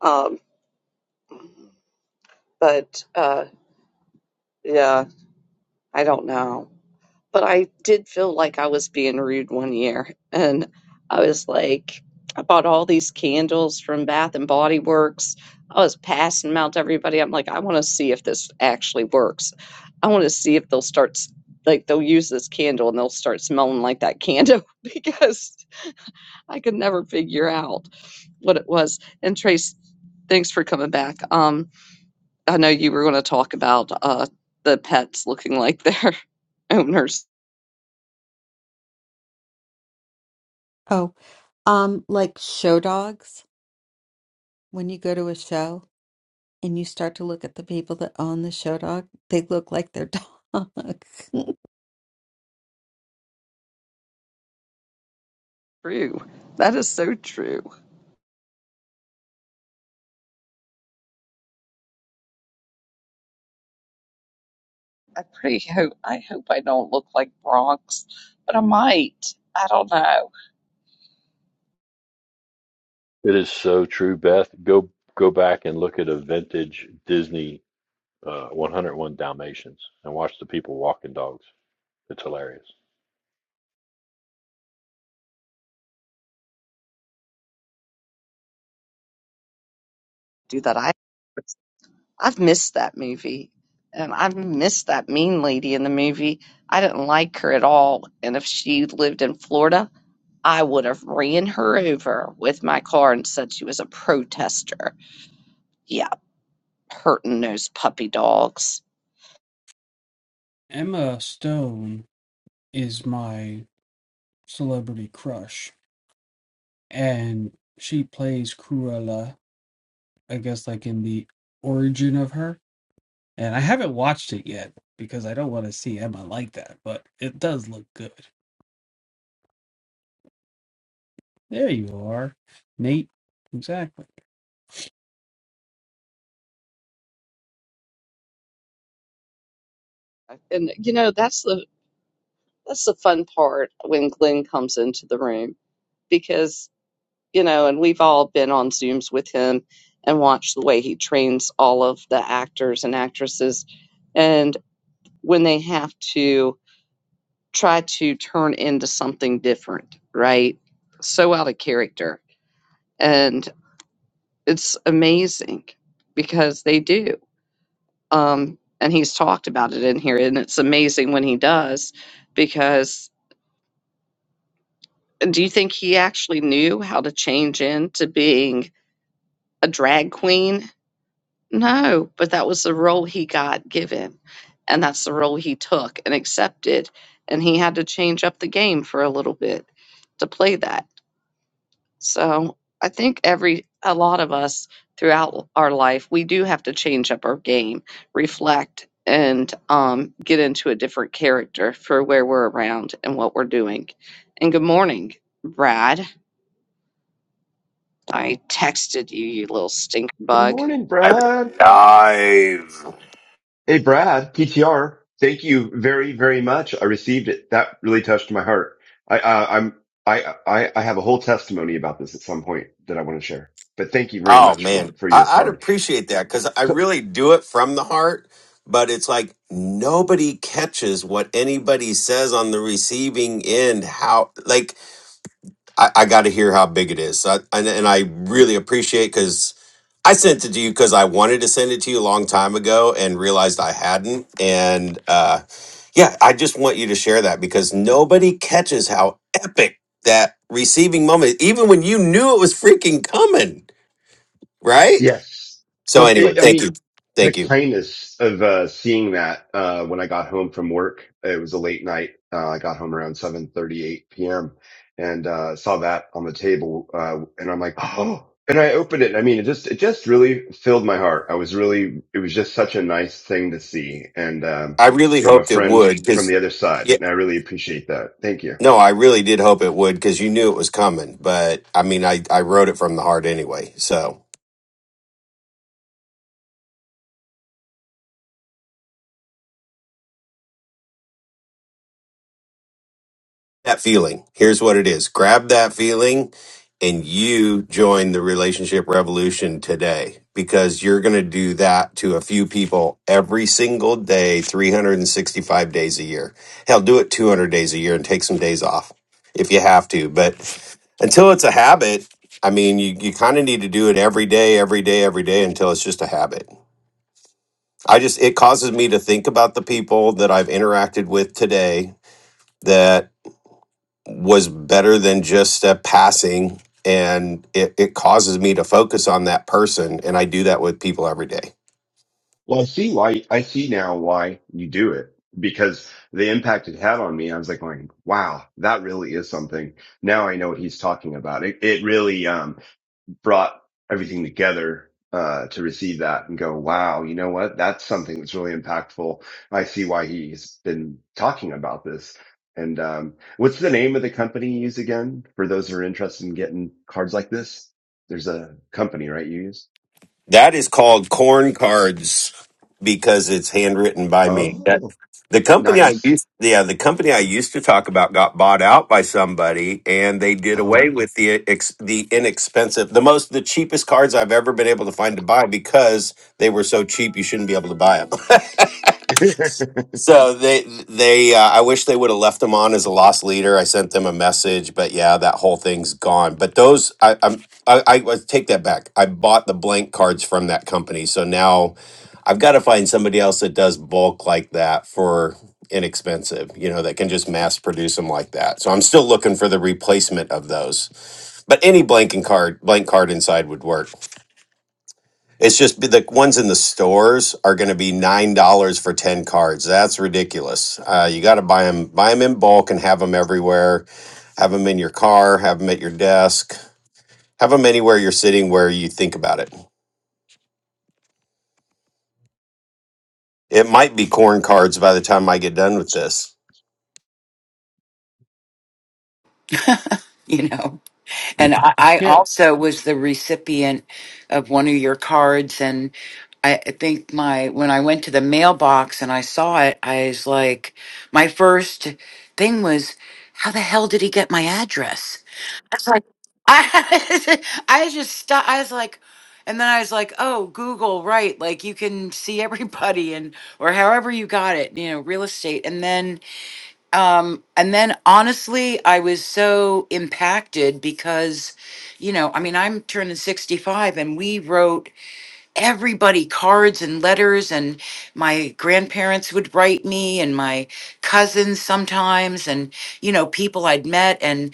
Speaker 1: Um, but uh, yeah, I don't know. but I did feel like I was being rude one year, and I was like, I bought all these candles from Bath and Body Works. I was passing them out to everybody. I'm like, I want to see if this actually works. I want to see if they'll start, s- like, they'll use this candle and they'll start smelling like that candle <laughs> because I could never figure out what it was. And Trace, thanks for coming back. Um, I know you were going to talk about uh, the pets looking like their <laughs> owners.
Speaker 5: Oh, um, like show dogs. When you go to a show and you start to look at the people that own the show dog, they look like their dog. <laughs>
Speaker 1: True. That is so true. I pretty hope I hope I don't look like Bronx, but I might. I don't know.
Speaker 9: is so true, Beth. Go go back and look at a vintage Disney uh, 101 Dalmatians and watch the people walking dogs. It's hilarious.
Speaker 1: Do that. I I've missed that movie. And I've missed that mean lady in the movie. I didn't like her at all. And if she lived in Florida, I would have ran her over with my car and said she was a protester. Yeah, hurting those puppy dogs.
Speaker 4: emma stone is my celebrity crush and she plays Cruella, I guess, like in the origin of her. And I haven't watched it yet because I don't want to see Emma like that, but it does look good. There you are, Nate. Exactly.
Speaker 1: And you know, that's the that's the fun part when Glenn comes into the room because. you know, and we've all been on Zooms with him and watched the way he trains all of the actors and actresses. And when they have to try to turn into something different, right? So out of character. And it's amazing because they do. Um, and he's talked about it in here, and it's amazing when he does because do you think he actually knew how to change into being a drag queen No, but that was the role he got given. And that's the role he took and accepted. And he had to change up the game for a little bit to play that. So I think every, a lot of us throughout our life, we do have to change up our game, reflect, and um, get into a different character for where we're around and what we're doing. And good morning, Brad. I texted you, you little stink
Speaker 8: Good
Speaker 1: bug.
Speaker 8: morning, Brad.
Speaker 11: Dive.
Speaker 8: Hey, Brad, PTR. Thank you very, very much. I received it. That really touched my heart. I, uh, I'm, I, I, I have a whole testimony about this at some point that I want to share. But thank you very
Speaker 11: Oh
Speaker 8: much for
Speaker 11: man,
Speaker 8: for your
Speaker 11: I, I'd
Speaker 8: card.
Speaker 11: appreciate that because I
Speaker 8: So
Speaker 11: really do it from the heart. But it's like nobody catches what anybody says on the receiving end. How like I, I got to hear how big it is. So I, and, and I really appreciate because I sent it to you because I wanted to send it to you a long time ago and realized I hadn't. And uh, Yeah, I just want you to share that because nobody catches how epic that receiving moment, even when you knew it was freaking coming, right?
Speaker 8: Yes.
Speaker 11: So
Speaker 8: Well,
Speaker 11: anyway,
Speaker 8: it, I
Speaker 11: thank you,
Speaker 8: mean, the
Speaker 11: thank you.
Speaker 8: kindness of uh, seeing that uh, when I got home from work, it was a late night. Uh, I got home around 7:38 p.m. and uh, saw that on the table, uh, and I'm like, oh. And I opened it. I mean, it just it just really filled my heart. I was really it was just such a nice thing to see, and um,
Speaker 11: I really
Speaker 8: from a
Speaker 11: hoped it
Speaker 8: friend
Speaker 11: would
Speaker 8: from
Speaker 11: because
Speaker 8: the other side,
Speaker 11: yeah,
Speaker 8: and I really appreciate that. Thank you.
Speaker 11: no, I really did hope it would because you knew it was coming. But I mean, I I wrote it from the heart anyway, so. that feeling. Here's what it is grab that feeling and you join the relationship revolution today because you're going to do that to a few people every single day, 365 days a year. Hell, do it 200 days a year and take some days off if you have to. But until it's a habit, I mean, you, you kind of need to do it every day, every day, every day until it's just a habit. I just, it causes me to think about the people that I've interacted with today that was better than just a passing and it, it causes me to focus on that person and i do that with people every day
Speaker 8: Well, I see why I see now why you do it because the impact it had on me, I was like going, wow, that really is something. Now I know what he's talking about. It, it really, um, brought everything together, uh, to receive that and go, wow, you know what? That's something that's really impactful. I see why he's been talking about this. And, um, what's the name of the company you use again for those who are interested in getting cards like this? There's a company, right? You use?
Speaker 11: That is called corn cards because it's handwritten by me. That
Speaker 8: Oh,
Speaker 11: the company I
Speaker 8: nice.
Speaker 11: used yeah, the company I used to talk about got bought out by somebody and they did
Speaker 8: oh.
Speaker 11: away with the ex, the inexpensive the most the cheapest cards I've ever been able to find to buy because they were so cheap you shouldn't be able to buy them. <laughs>
Speaker 8: <laughs>
Speaker 11: So they they uh, I wish they would have left him on as a lost leader. I sent them a message, but yeah, that whole thing's gone. But those I I'm, I, I I take that back. I bought the blank cards from that company, so now I've got to find somebody else that does bulk like that for inexpensive. You know, that can just mass produce them like that. So I'm still looking for the replacement of those. But any blanking card blank card inside would work. It's just the ones in the stores are going to be nine dollars for ten cards. That's ridiculous. Uh, you got to buy them, buy them in bulk, and have them everywhere. Have them in your car. Have them at your desk. Have them anywhere you're sitting where you think about it. It might be corn cards by the time I get done with this.
Speaker 6: <laughs> you know. And I, I
Speaker 4: Here.
Speaker 6: also was the recipient of one of your cards, and I I think my when I went to the mailbox and I saw it, I was like, my first thing was, how the hell did he get my address? I was like, I, <laughs> I just stopped. I was like, and then I was like, oh, Google, right? Like you can see everybody and or however you got it, you know, real estate. And then, um, and then honestly, I was so impacted because, you know, I mean, I'm turning 65 and we wrote everybody cards and letters and my grandparents would write me and my cousins sometimes and, you know, people I'd met. and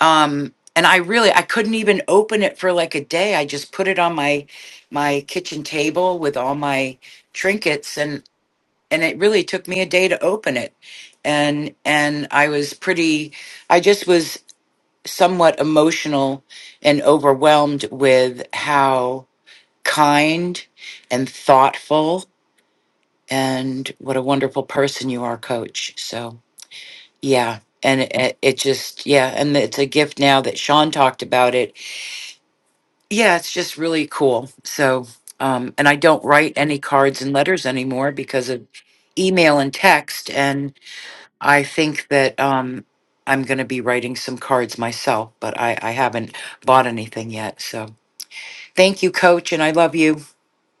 Speaker 6: um and i really i couldn't even open it for like a day i just put it on my my kitchen table with all my trinkets and and it really took me a day to open it and and i was pretty i just was somewhat emotional and overwhelmed with how kind and thoughtful and what a wonderful person you are coach so yeah and it, it it just yeah and it's a gift now that sean talked about it yeah, it's just really cool. So, um, and I don't write any cards and letters anymore because of email and text. And I think that um, I'm going to be writing some cards myself, but I, I haven't bought anything yet. So, thank you, Coach, and I love you.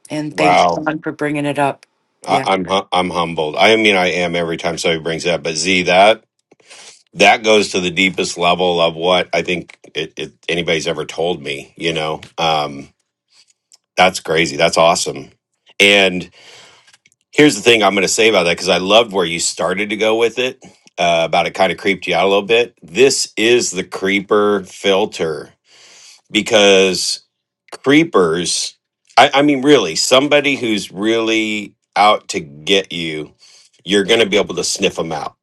Speaker 6: And thanks,
Speaker 11: Wow,
Speaker 6: Don, for bringing it up.
Speaker 11: I,
Speaker 6: Yeah.
Speaker 11: I'm hu- I'm humbled. I mean, I am every time somebody brings that. But Z, that that goes to the deepest level of what I think it, it, anybody's ever told me. You know. Um, That's crazy. That's awesome. And here's the thing I'm going to say about that because I loved where you started to go with it, uh, about it kind of creeped you out a little bit. This is the creeper filter because creepers, I, I mean, really, somebody who's really out to get you, you're going to be able to sniff them out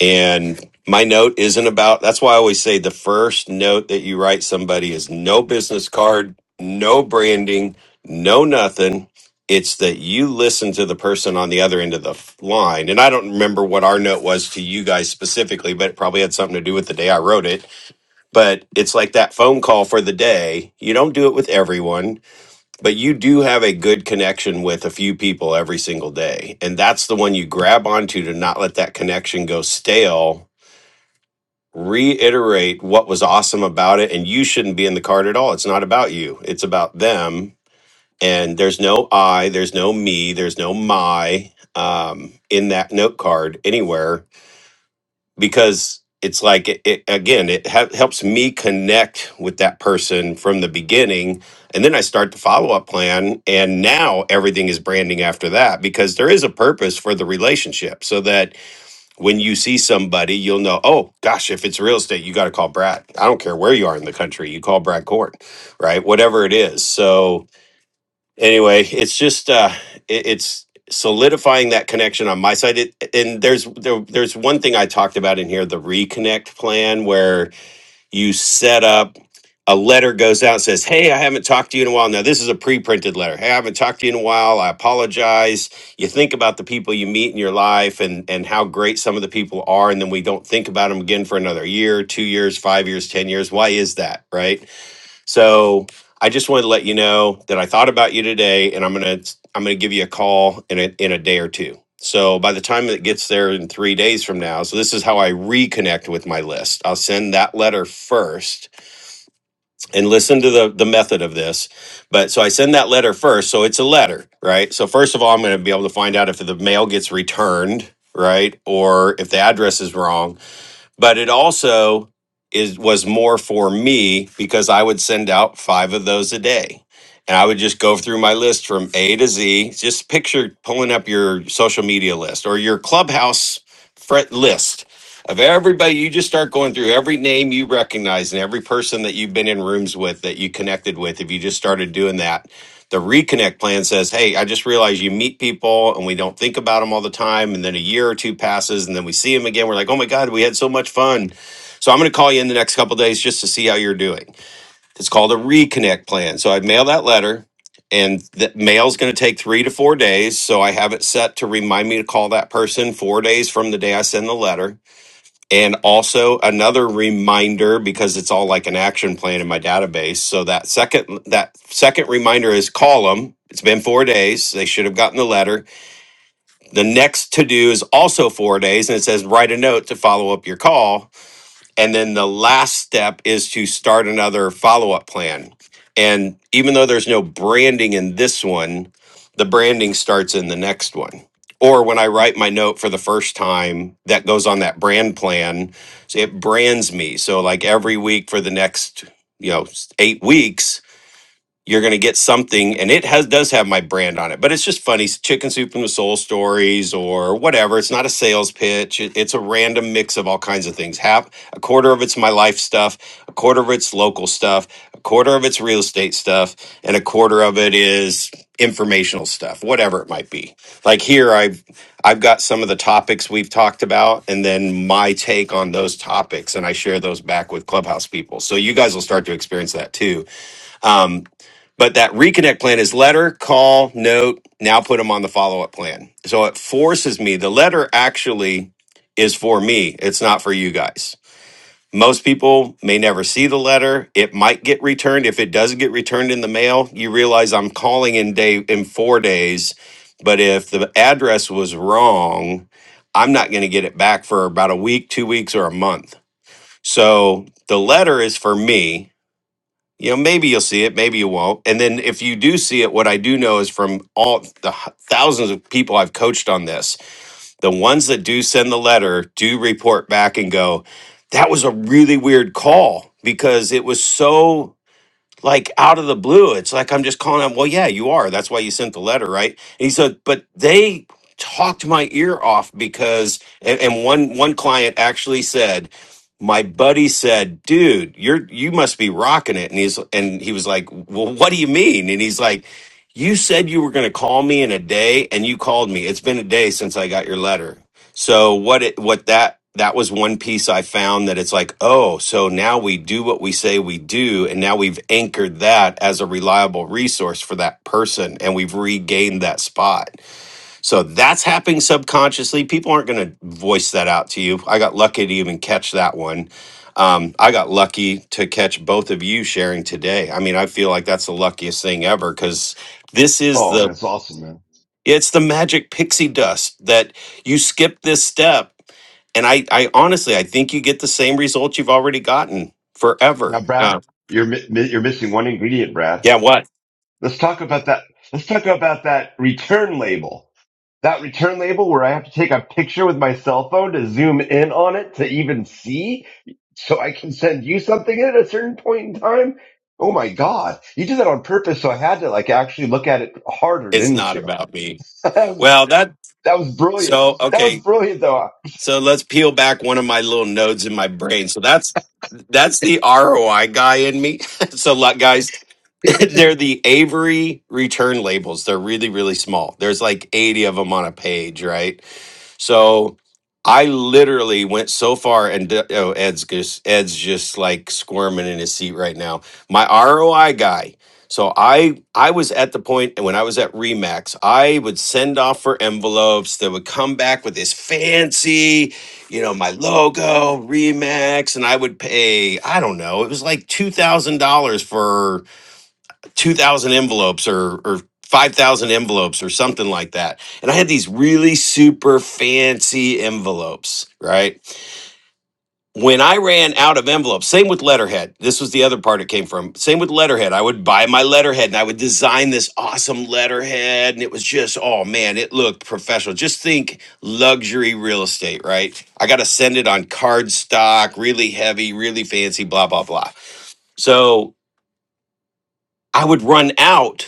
Speaker 11: and my note isn't about that's why I always say the first note that you write somebody is no business card, no branding, no nothing. It's that you listen to the person on the other end of the f- line. And I don't remember what our note was to you guys specifically, but it probably had something to do with the day I wrote it. But it's like that phone call for the day. You don't do it with everyone, but you do have a good connection with a few people every single day. And that's the one you grab onto to not let that connection go stale reiterate what was awesome about it and you shouldn't be in the card at all it's not about you it's about them and there's no i there's no me there's no my um, in that note card anywhere because it's like it, it again it ha- helps me connect with that person from the beginning and then i start the follow-up plan and now everything is branding after that because there is a purpose for the relationship so that when you see somebody, you'll know, oh gosh, if it's real estate, you got to call Brad. I don't care where you are in the country, you call Brad Court, right? Whatever it is. So anyway, it's just uh it, it's solidifying that connection on my side. It, and there's there, there's one thing I talked about in here, the reconnect plan where you set up a letter goes out and says, Hey, I haven't talked to you in a while. Now, this is a pre printed letter. Hey, I haven't talked to you in a while. I apologize. You think about the people you meet in your life and, and how great some of the people are. And then we don't think about them again for another year, two years, five years, 10 years. Why is that? Right so I just wanted to let you know that I thought about you today, and I'm gonna I'm gonna give you a call in a, in a day or two. So by the time it gets there in three days from now, so this is how I reconnect with my list. I'll send that letter first, and listen to the the method of this. But so I send that letter first, so it's a letter, right? So first of all, I'm gonna be able to find out if the mail gets returned, right, or if the address is wrong but it also is was more for me because I would send out five of those a day. And I would just go through my list from A to Z. Just picture pulling up your social media list or your clubhouse fret list of everybody. You just start going through every name you recognize and every person that you've been in rooms with that you connected with. If you just started doing that, the reconnect plan says, hey, I just realized you meet people and we don't think about them all the time. And then a year or two passes and then we see them again. We're like, oh my God, we had so much fun. So I'm going to call you in the next couple of days just to see how you're doing. It's called a reconnect plan. So I mail that letter and the mail's going to take three to four days. So I have it set to remind me to call that person four days from the day I send the letter and also another reminder because it's all like an action plan in my database. So that second that second reminder is call them. It's been 4 days. They should have gotten the letter. The next to do is also 4 days and it says write a note to follow up your call and then the last step is to start another follow up plan. And even though there's no branding in this one, the branding starts in the next one. Or when I write my note for the first time, that goes on that brand plan. So it brands me. So, like every week for the next, you know, eight weeks, you're going to get something and it has does have my brand on it but it's just funny s- chicken soup from the soul stories or whatever it's not a sales pitch it- it's a random mix of all kinds of things half a quarter of it's my life stuff a quarter of it's local stuff a quarter of it's real estate stuff and a quarter of it is informational stuff whatever it might be like here i've i've got some of the topics we've talked about and then my take on those topics and i share those back with clubhouse people so you guys will start to experience that too Um, but that reconnect plan is letter, call, note, now put them on the follow up plan. So it forces me. The letter actually is for me, it's not for you guys. Most people may never see the letter. It might get returned. If it does get returned in the mail, you realize I'm calling in day in 4 days, but if the address was wrong, I'm not going to get it back for about a week, 2 weeks or a month. So the letter is for me you know maybe you'll see it maybe you won't and then if you do see it what i do know is from all the h- thousands of people i've coached on this the ones that do send the letter do report back and go that was a really weird call because it was so like out of the blue. It's like I'm just calling him, well, yeah, you are. That's why you sent the letter, right? And he said, but they talked my ear off because and, and one one client actually said, my buddy said, dude, you're you must be rocking it. And he's and he was like, Well, what do you mean? And he's like, You said you were gonna call me in a day and you called me. It's been a day since I got your letter. So what it what that that was one piece I found that it's like, oh, so now we do what we say we do, and now we've anchored that as a reliable resource for that person, and we've regained that spot. So that's happening subconsciously. People aren't going to voice that out to you. I got lucky to even catch that one. Um, I got lucky to catch both of you sharing today. I mean, I feel like that's the luckiest thing ever because this is
Speaker 8: oh,
Speaker 11: the
Speaker 8: that's awesome, man.
Speaker 11: it's the magic pixie dust that you skip this step. And I, I honestly, I think you get the same result you've already gotten forever.
Speaker 8: Now, Brad,
Speaker 11: Uh,
Speaker 8: you're mi- mi- you're missing one ingredient, Brad.
Speaker 11: yeah, what?
Speaker 8: Let's talk about that. Let's talk about that return label. That return label where I have to take a picture with my cell phone to zoom in on it to even see, so I can send you something at a certain point in time. Oh my God, you did that on purpose, so I had to like actually look at it harder,
Speaker 11: It's
Speaker 8: didn't
Speaker 11: not
Speaker 8: you?
Speaker 11: about me.
Speaker 8: <laughs> that was
Speaker 11: Well, that,
Speaker 8: that was brilliant.
Speaker 11: so,
Speaker 8: That was
Speaker 11: okay.
Speaker 8: brilliant, though.
Speaker 11: So let's peel back one of my little nodes in my brain. So that's, that's the ROI guy in me. <laughs> so, like, guys, <laughs> they're the Avery return labels. They're really, really small. There's like 80 of them on a page, right? So I literally went so far, and d- oh, Ed's just, Ed's just like squirming in his seat right now. My ROI guy. So I I was at the point when I was at Remax, I would send off for envelopes that would come back with this fancy, you know, my logo Remax, and I would pay I don't know, it was like two thousand dollars for. 2,000 envelopes or, or 5,000 envelopes or something like that. And I had these really super fancy envelopes, right? When I ran out of envelopes, same with letterhead. This was the other part it came from. Same with letterhead. I would buy my letterhead and I would design this awesome letterhead. And it was just, oh man, it looked professional. Just think luxury real estate, right? I got to send it on cardstock, really heavy, really fancy, blah, blah, blah. So I would run out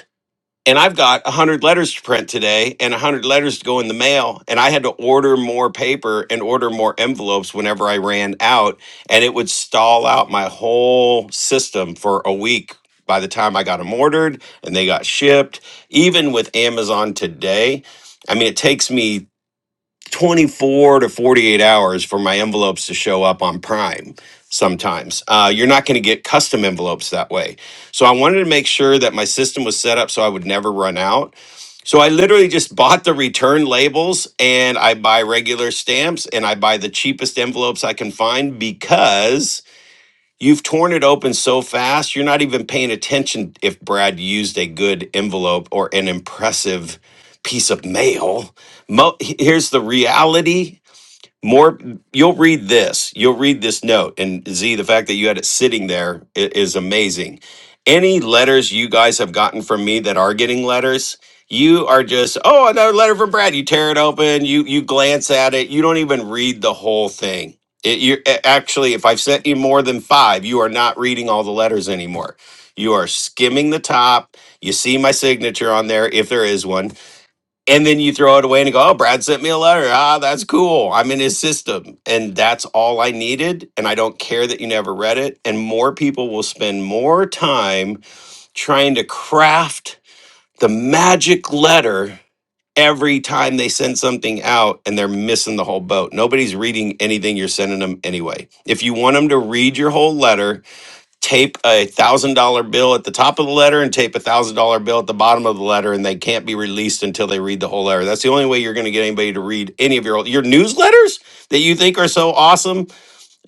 Speaker 11: and I've got 100 letters to print today and 100 letters to go in the mail. And I had to order more paper and order more envelopes whenever I ran out. And it would stall out my whole system for a week by the time I got them ordered and they got shipped. Even with Amazon today, I mean, it takes me 24 to 48 hours for my envelopes to show up on Prime sometimes. Uh, you're not going to get custom envelopes that way. So I wanted to make sure that my system was set up so I would never run out. So I literally just <laughs> bought the return labels and I buy regular stamps and I buy the cheapest envelopes I can find because You've torn it open so fast, you're not even paying attention if Brad used a good envelope or an impressive piece of mail. Mo- here's the reality more you'll read this you'll read this note and z the fact that you had it sitting there i- is amazing any letters you guys have gotten from me that are getting letters you are just oh another letter from brad you tear it open you you glance at it you don't even read the whole thing it, you actually if i've sent you more than five you are not reading all the letters anymore you are skimming the top you see my signature on there if there is one and then you throw it away and go, "Oh, Brad sent me a letter. Ah, that's cool. I'm in his system." And that's all I needed, and I don't care that you never read it. And more people will spend more time trying to craft the magic letter every time they send something out and they're missing the whole boat. Nobody's reading anything you're sending them anyway. If you want them to read your whole letter, tape a thousand dollar bill at the top of the letter and tape a thousand dollar bill at the bottom of the letter and they can't be released until they read the whole letter that's the only way you're going to get anybody to read any of your your newsletters that you think are so awesome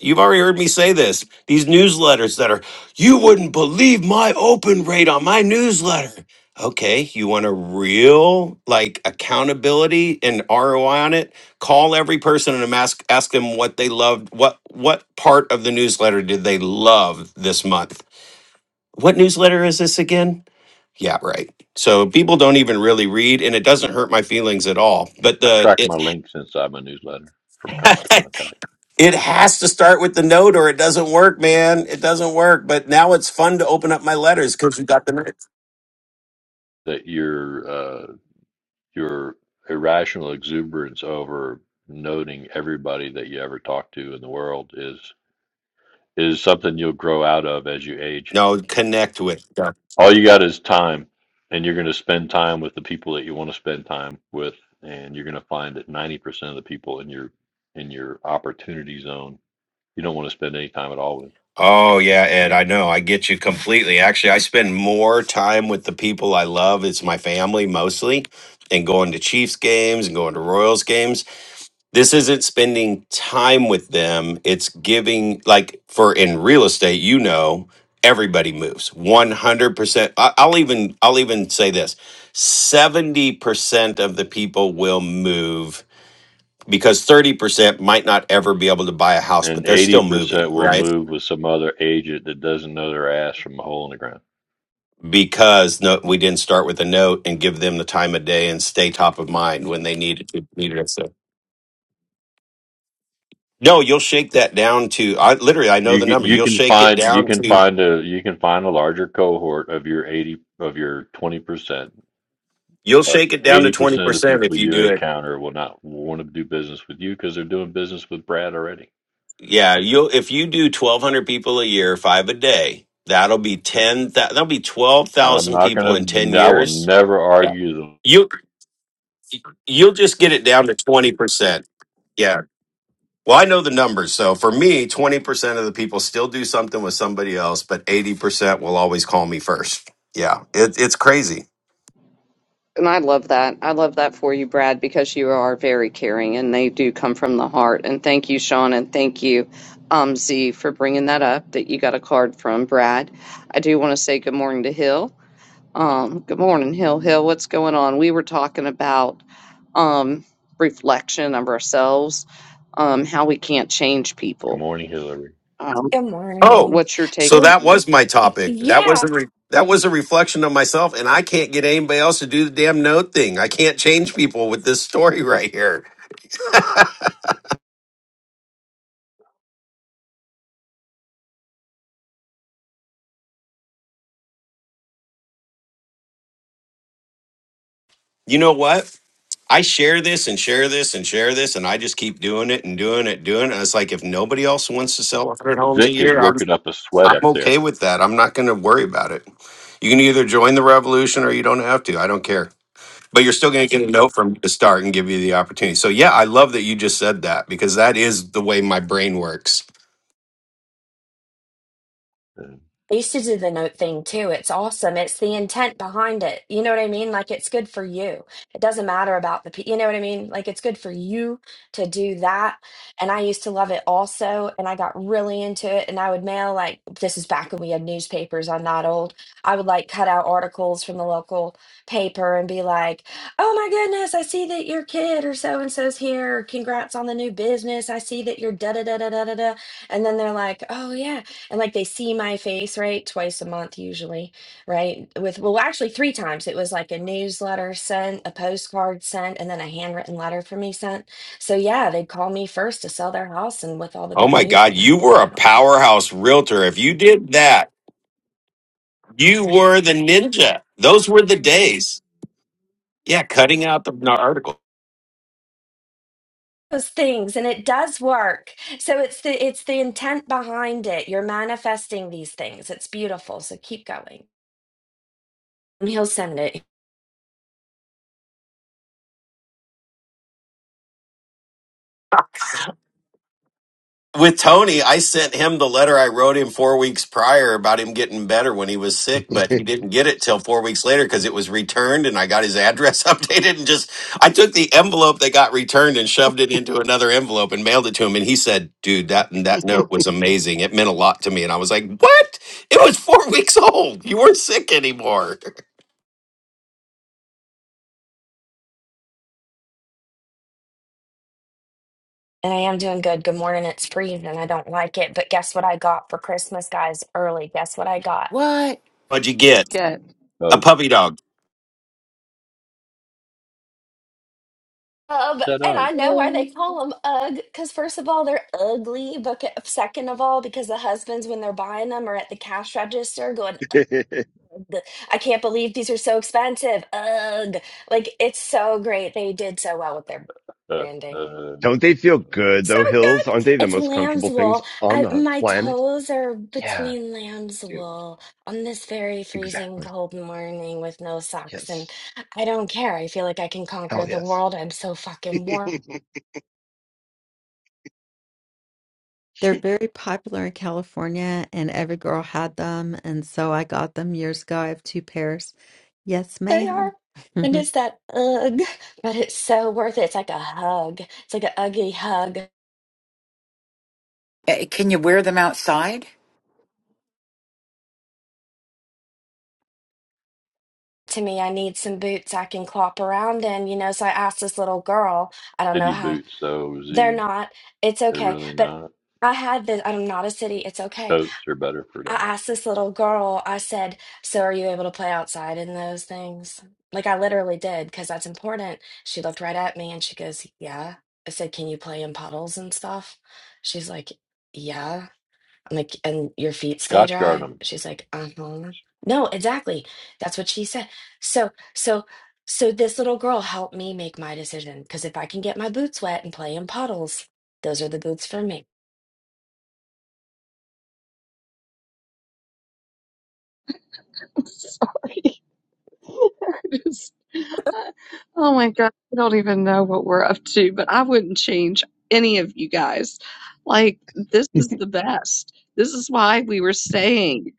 Speaker 11: You've already heard me say this. These newsletters that are, you wouldn't believe my open rate on my newsletter. Okay, you want a real like accountability and ROI on it? Call every person and ask ask them what they loved. What what part of the newsletter did they love this month? What newsletter is this again? Yeah, right. So people don't even really read, and it doesn't hurt my feelings at all. But
Speaker 9: I
Speaker 11: the
Speaker 9: track my links inside my newsletter from Constant Contact
Speaker 11: It has to start with the note or it doesn't work, man. It doesn't work. But now it's fun to open up my letters because we got the note.
Speaker 9: that your uh, your irrational exuberance over noting everybody that you ever talk to in the world is. is something you'll grow out of as you age.
Speaker 11: No, connect with. Yeah.
Speaker 9: All you got is time, and you're going to spend time with the people that you want to spend time with, and you're going to find that 90% of the people in your in your opportunity zone you don't want to spend any time at all with.
Speaker 11: Oh yeah, Ed, I know. I get you completely. Actually, I spend more time with the people I love. It's my family mostly, and going to Chiefs games and going to Royals games this isn't spending time with them it's giving like for in real estate you know everybody moves 100% I, i'll even i'll even say this 70% of the people will move because 30% might not ever be able to buy a house
Speaker 9: And
Speaker 11: but they're still moving
Speaker 9: 80% will
Speaker 11: right
Speaker 9: move with some other agent that doesn't know their ass from a hole in the ground.
Speaker 11: because no, we didn't start with a note and give them the time of day and stay top of mind when they needed to needed us so no you'll shake that down to i literally i know
Speaker 9: You
Speaker 11: the
Speaker 9: can-
Speaker 11: number
Speaker 9: you
Speaker 11: you'll
Speaker 9: can
Speaker 11: shake it
Speaker 9: find you
Speaker 11: down
Speaker 9: can
Speaker 11: to
Speaker 9: find a you can find a larger cohort of your 80 of your 20%
Speaker 11: You'll
Speaker 9: But
Speaker 11: shake it down to
Speaker 9: 80% of the
Speaker 11: 20%
Speaker 9: people
Speaker 11: if you
Speaker 9: you
Speaker 11: do it.
Speaker 9: encounter will not want to do business with you because they're doing business with Brad already.
Speaker 11: Yeah, you'll if you do 1200 people a year, 5 a day, that'll be 10 that, will be
Speaker 9: I'm
Speaker 11: 12,000
Speaker 9: not
Speaker 11: people in
Speaker 9: going
Speaker 11: 10
Speaker 9: to, I will
Speaker 11: years.
Speaker 9: never
Speaker 11: Yeah.
Speaker 9: argue the
Speaker 11: You you'll just get it down to 20%. Yeah. Well, I know the numbers. So for me, 20% of the people still do something with somebody else, but 80% will always call me first. Yeah. It, it's crazy.
Speaker 1: And I love that. I love that for you, Brad, because you are very caring and they do come from the heart. And thank you, Sean, and thank you, um, Z, for bringing that up that you got a card from Brad. I do want to say good morning to Hill. Um, good morning, Hill. Hill, what's going on? We were talking about um, reflection of ourselves, um, how we can't change
Speaker 9: good
Speaker 1: people.
Speaker 9: morning, Hillary.
Speaker 1: Um,
Speaker 12: Good
Speaker 11: Oh,
Speaker 12: morning.
Speaker 1: what's your take
Speaker 11: so that
Speaker 12: Well,
Speaker 1: on
Speaker 11: was my
Speaker 12: y-
Speaker 11: topic. That
Speaker 12: yeah,
Speaker 11: was a re- that was a reflection of myself, and I can't get anybody else to do the damn note thing. I can't change people with this story <laughs> right here. You know what? I share this and share this and share this, and I just keep doing it and doing it, doing it. And it's like if nobody else wants to sell 100 homes a
Speaker 9: Vic is
Speaker 11: year, I'm
Speaker 9: working up a sweat
Speaker 11: I'm
Speaker 9: up there.
Speaker 11: okay with that. I'm not going to worry about it. You can either join the revolution or you don't have to. I don't care. but you're still going to get a note from me to start and give you the opportunity. So yeah, I love that you just said that because that is the way my brain works.
Speaker 9: Uh,
Speaker 12: I used to do the note thing too. It's awesome. It's the intent behind it. You know what I mean? Like it's good for you. It doesn't matter about the, pe- you know what I mean? Like it's good for you to do that. And I used to love it also. And I got really into it. And I would mail like, this is back when we had newspapers. I'm not old. I would like cut out articles from the local paper and be like, oh my goodness, I see that your kid or so and so's here. Congrats on the new business. I see that you're da da da da da da da. And then they're like, oh yeah and like they see my face right twice a month usually right with well actually three times it was like a newsletter sent a postcard sent and then a handwritten letter for me sent so yeah they'd call me first to sell their house and with all the
Speaker 11: Oh
Speaker 12: big
Speaker 11: my
Speaker 12: news they
Speaker 11: god, you
Speaker 12: had
Speaker 11: were a
Speaker 12: going on
Speaker 11: powerhouse realtor. If you did that, you were the ninja. Those were the days. Yeah, cutting out the article.
Speaker 12: those things and it does work so it's the it's the intent behind it you're manifesting these things it's beautiful so keep going and he'll send it
Speaker 11: with Tony, I sent him the letter I wrote him four weeks prior about him getting better when he was sick, but he didn't get it till four weeks later because it was returned and I got his address <laughs> updated and just I took the envelope that got returned and shoved it into another envelope and mailed it to him and he said, Dude, that that note was amazing. It meant a lot to me. And I was like, What? It was four <laughs> weeks old. You weren't sick anymore.
Speaker 12: and I am doing good. Good morning. It's freezing. I don't like it. But guess what I got for Christmas, guys? Early. Guess what I got?
Speaker 6: What?
Speaker 11: <laughs> What'd you get?
Speaker 1: that?
Speaker 11: A
Speaker 9: Uggs.
Speaker 11: puppy dog.
Speaker 12: Ugh,
Speaker 9: Said
Speaker 12: and
Speaker 9: Uggs.
Speaker 12: I know why they call them Ugg, because first of all, they're ugly, but c- second of all, because the husbands, when they're buying them, are at the cash register going,
Speaker 8: <laughs>
Speaker 12: Ugh, I can't believe these are so expensive. Ugh. Like, it's so great. They did so well with their
Speaker 9: Uh,
Speaker 12: branding.
Speaker 9: uh,
Speaker 8: Don't they feel
Speaker 9: um,
Speaker 8: good
Speaker 12: So
Speaker 8: though, hills? Aren't
Speaker 12: good.
Speaker 8: they the
Speaker 12: It's
Speaker 8: most
Speaker 12: lamb's
Speaker 8: comfortable things
Speaker 12: wool.
Speaker 8: on
Speaker 12: I,
Speaker 8: the
Speaker 12: my
Speaker 8: planet?
Speaker 12: toes are
Speaker 8: Yeah,
Speaker 12: between lamb's
Speaker 8: dude.
Speaker 12: wool on this very freezing
Speaker 8: Exactly.
Speaker 12: cold morning with no socks, and
Speaker 8: Yes.
Speaker 12: I don't care. I feel like I can
Speaker 8: Hell
Speaker 12: conquer the
Speaker 8: yes.
Speaker 12: world. I'm so fucking
Speaker 8: <laughs>
Speaker 12: warm.
Speaker 5: They're very popular in California, and every girl had them. And so I got them years ago. I have two pairs. Yes,
Speaker 12: They are.
Speaker 5: ma'am. <laughs>
Speaker 12: And it's that ugh, but it's so worth it. It's like a hug. It's like an uggy hug
Speaker 6: Eh, Can you wear them outside?
Speaker 12: to me. I need some boots I can clop around in, you know. So I asked this little girl, I don't know
Speaker 9: city
Speaker 12: how,
Speaker 9: boots, though,
Speaker 12: they're
Speaker 9: Z.
Speaker 12: not, it's
Speaker 9: They're
Speaker 12: okay.
Speaker 9: really
Speaker 12: But
Speaker 9: not.
Speaker 12: I had this, I'm not a city, it's okay.
Speaker 9: Coats are better for
Speaker 12: I
Speaker 9: that.
Speaker 12: asked this little girl, I said, So are you able to play outside in those things? Like I literally did, because that's important. She looked right at me and she goes, Yeah. I said, Can you play in puddles and stuff? She's like, Yeah. I'm like, and your feet stay
Speaker 9: Scotch guard
Speaker 12: dry?
Speaker 9: 'em.
Speaker 12: She's like, uh-huh. No, exactly. That's what she said. So, so, so this little girl helped me make my decision because if I can get my boots wet and play in puddles, those are the boots for me.
Speaker 1: Get. <laughs> Oh my God, I don't even know what we're up to, but I wouldn't change any of you guys. Like, this is the best. This is why we were saying,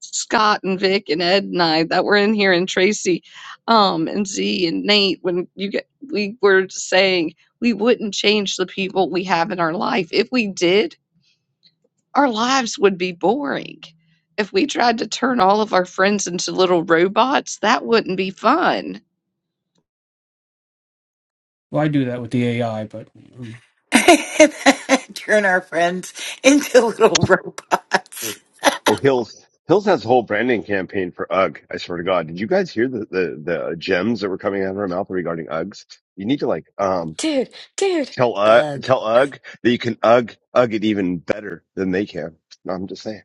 Speaker 1: Scott and Vic and Ed and I that were in here and Tracy, um, and Z and Nate, when you get, we were saying we wouldn't change the people we have in our life. If we did, our lives would be boring. If we tried to turn all of our friends into little robots, that wouldn't be fun.
Speaker 4: Well, I do that with the AI, but mm,
Speaker 6: <laughs> Turn our friends into little <laughs> robots.
Speaker 8: oh, Hills. Hills has a whole branding campaign for UGG. I swear to God. Did you guys hear the, the, the gems that were coming out of her mouth regarding UGGs? You need to like, um,
Speaker 12: Dude, dude,
Speaker 8: tell, uh,
Speaker 12: ugh.
Speaker 8: tell UGG that you can UGG, UGG it even better than they can. No, I'm just saying.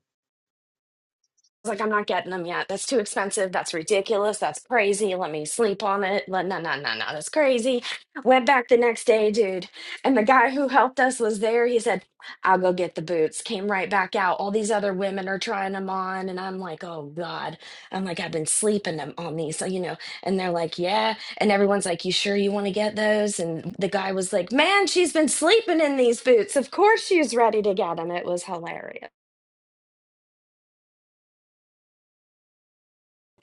Speaker 12: was like, I'm not getting them yet. That's too expensive. That's ridiculous. That's crazy. Let me sleep on it. Let no, no, no, no. That's crazy. Went back the next day, dude. And the guy who helped us was there. He said, I'll go get the boots. Came right back out. All these other women are trying them on. And I'm like, oh God. I'm like, I've been sleeping them on these. So, you know, and they're like, yeah. And everyone's like, you sure you want to get those? And the guy was like, man, she's been sleeping in these boots. Of course she's ready to get them. It was hilarious.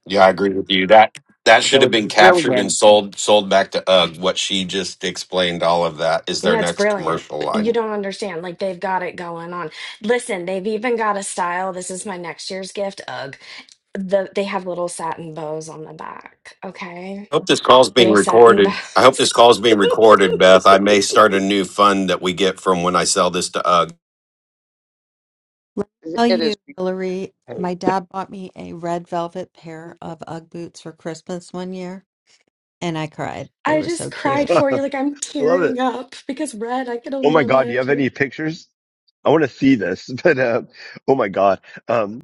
Speaker 11: Yeah, I agree with you. That that should have
Speaker 6: Brilliant.
Speaker 11: been captured and
Speaker 6: Brilliant.
Speaker 11: sold sold back to UGG. What she just explained, all of that is their
Speaker 12: Yeah, it's
Speaker 11: next
Speaker 12: brilliant.
Speaker 11: commercial
Speaker 12: You
Speaker 11: line.
Speaker 12: don't understand. Like they've got it going on. Listen, they've even got a style. This is my next year's gift. Ugh. The they have little satin bows on the back. Okay.
Speaker 11: I hope this call's being
Speaker 12: Little satin
Speaker 11: recorded. I
Speaker 12: bows.
Speaker 11: hope this call's being recorded, Beth. I may start a new fund that we get from when I sell this to UGG.
Speaker 5: Let me tell
Speaker 1: It
Speaker 5: you,
Speaker 1: is
Speaker 5: Hillary,
Speaker 8: Hey,
Speaker 5: my dad bought me a red velvet pair of UGG boots for Christmas one year, and I cried.
Speaker 12: <laughs>
Speaker 5: They
Speaker 12: I
Speaker 5: were
Speaker 12: just
Speaker 5: so cute.
Speaker 8: <laughs>
Speaker 12: cried
Speaker 8: I
Speaker 12: for you. Like I'm
Speaker 8: love it.
Speaker 12: tearing up because red, I could
Speaker 8: Oh
Speaker 12: only
Speaker 8: my God. Do you have
Speaker 12: imagine.
Speaker 8: any pictures? I want to see this, <laughs> but, uh, oh my God. Um,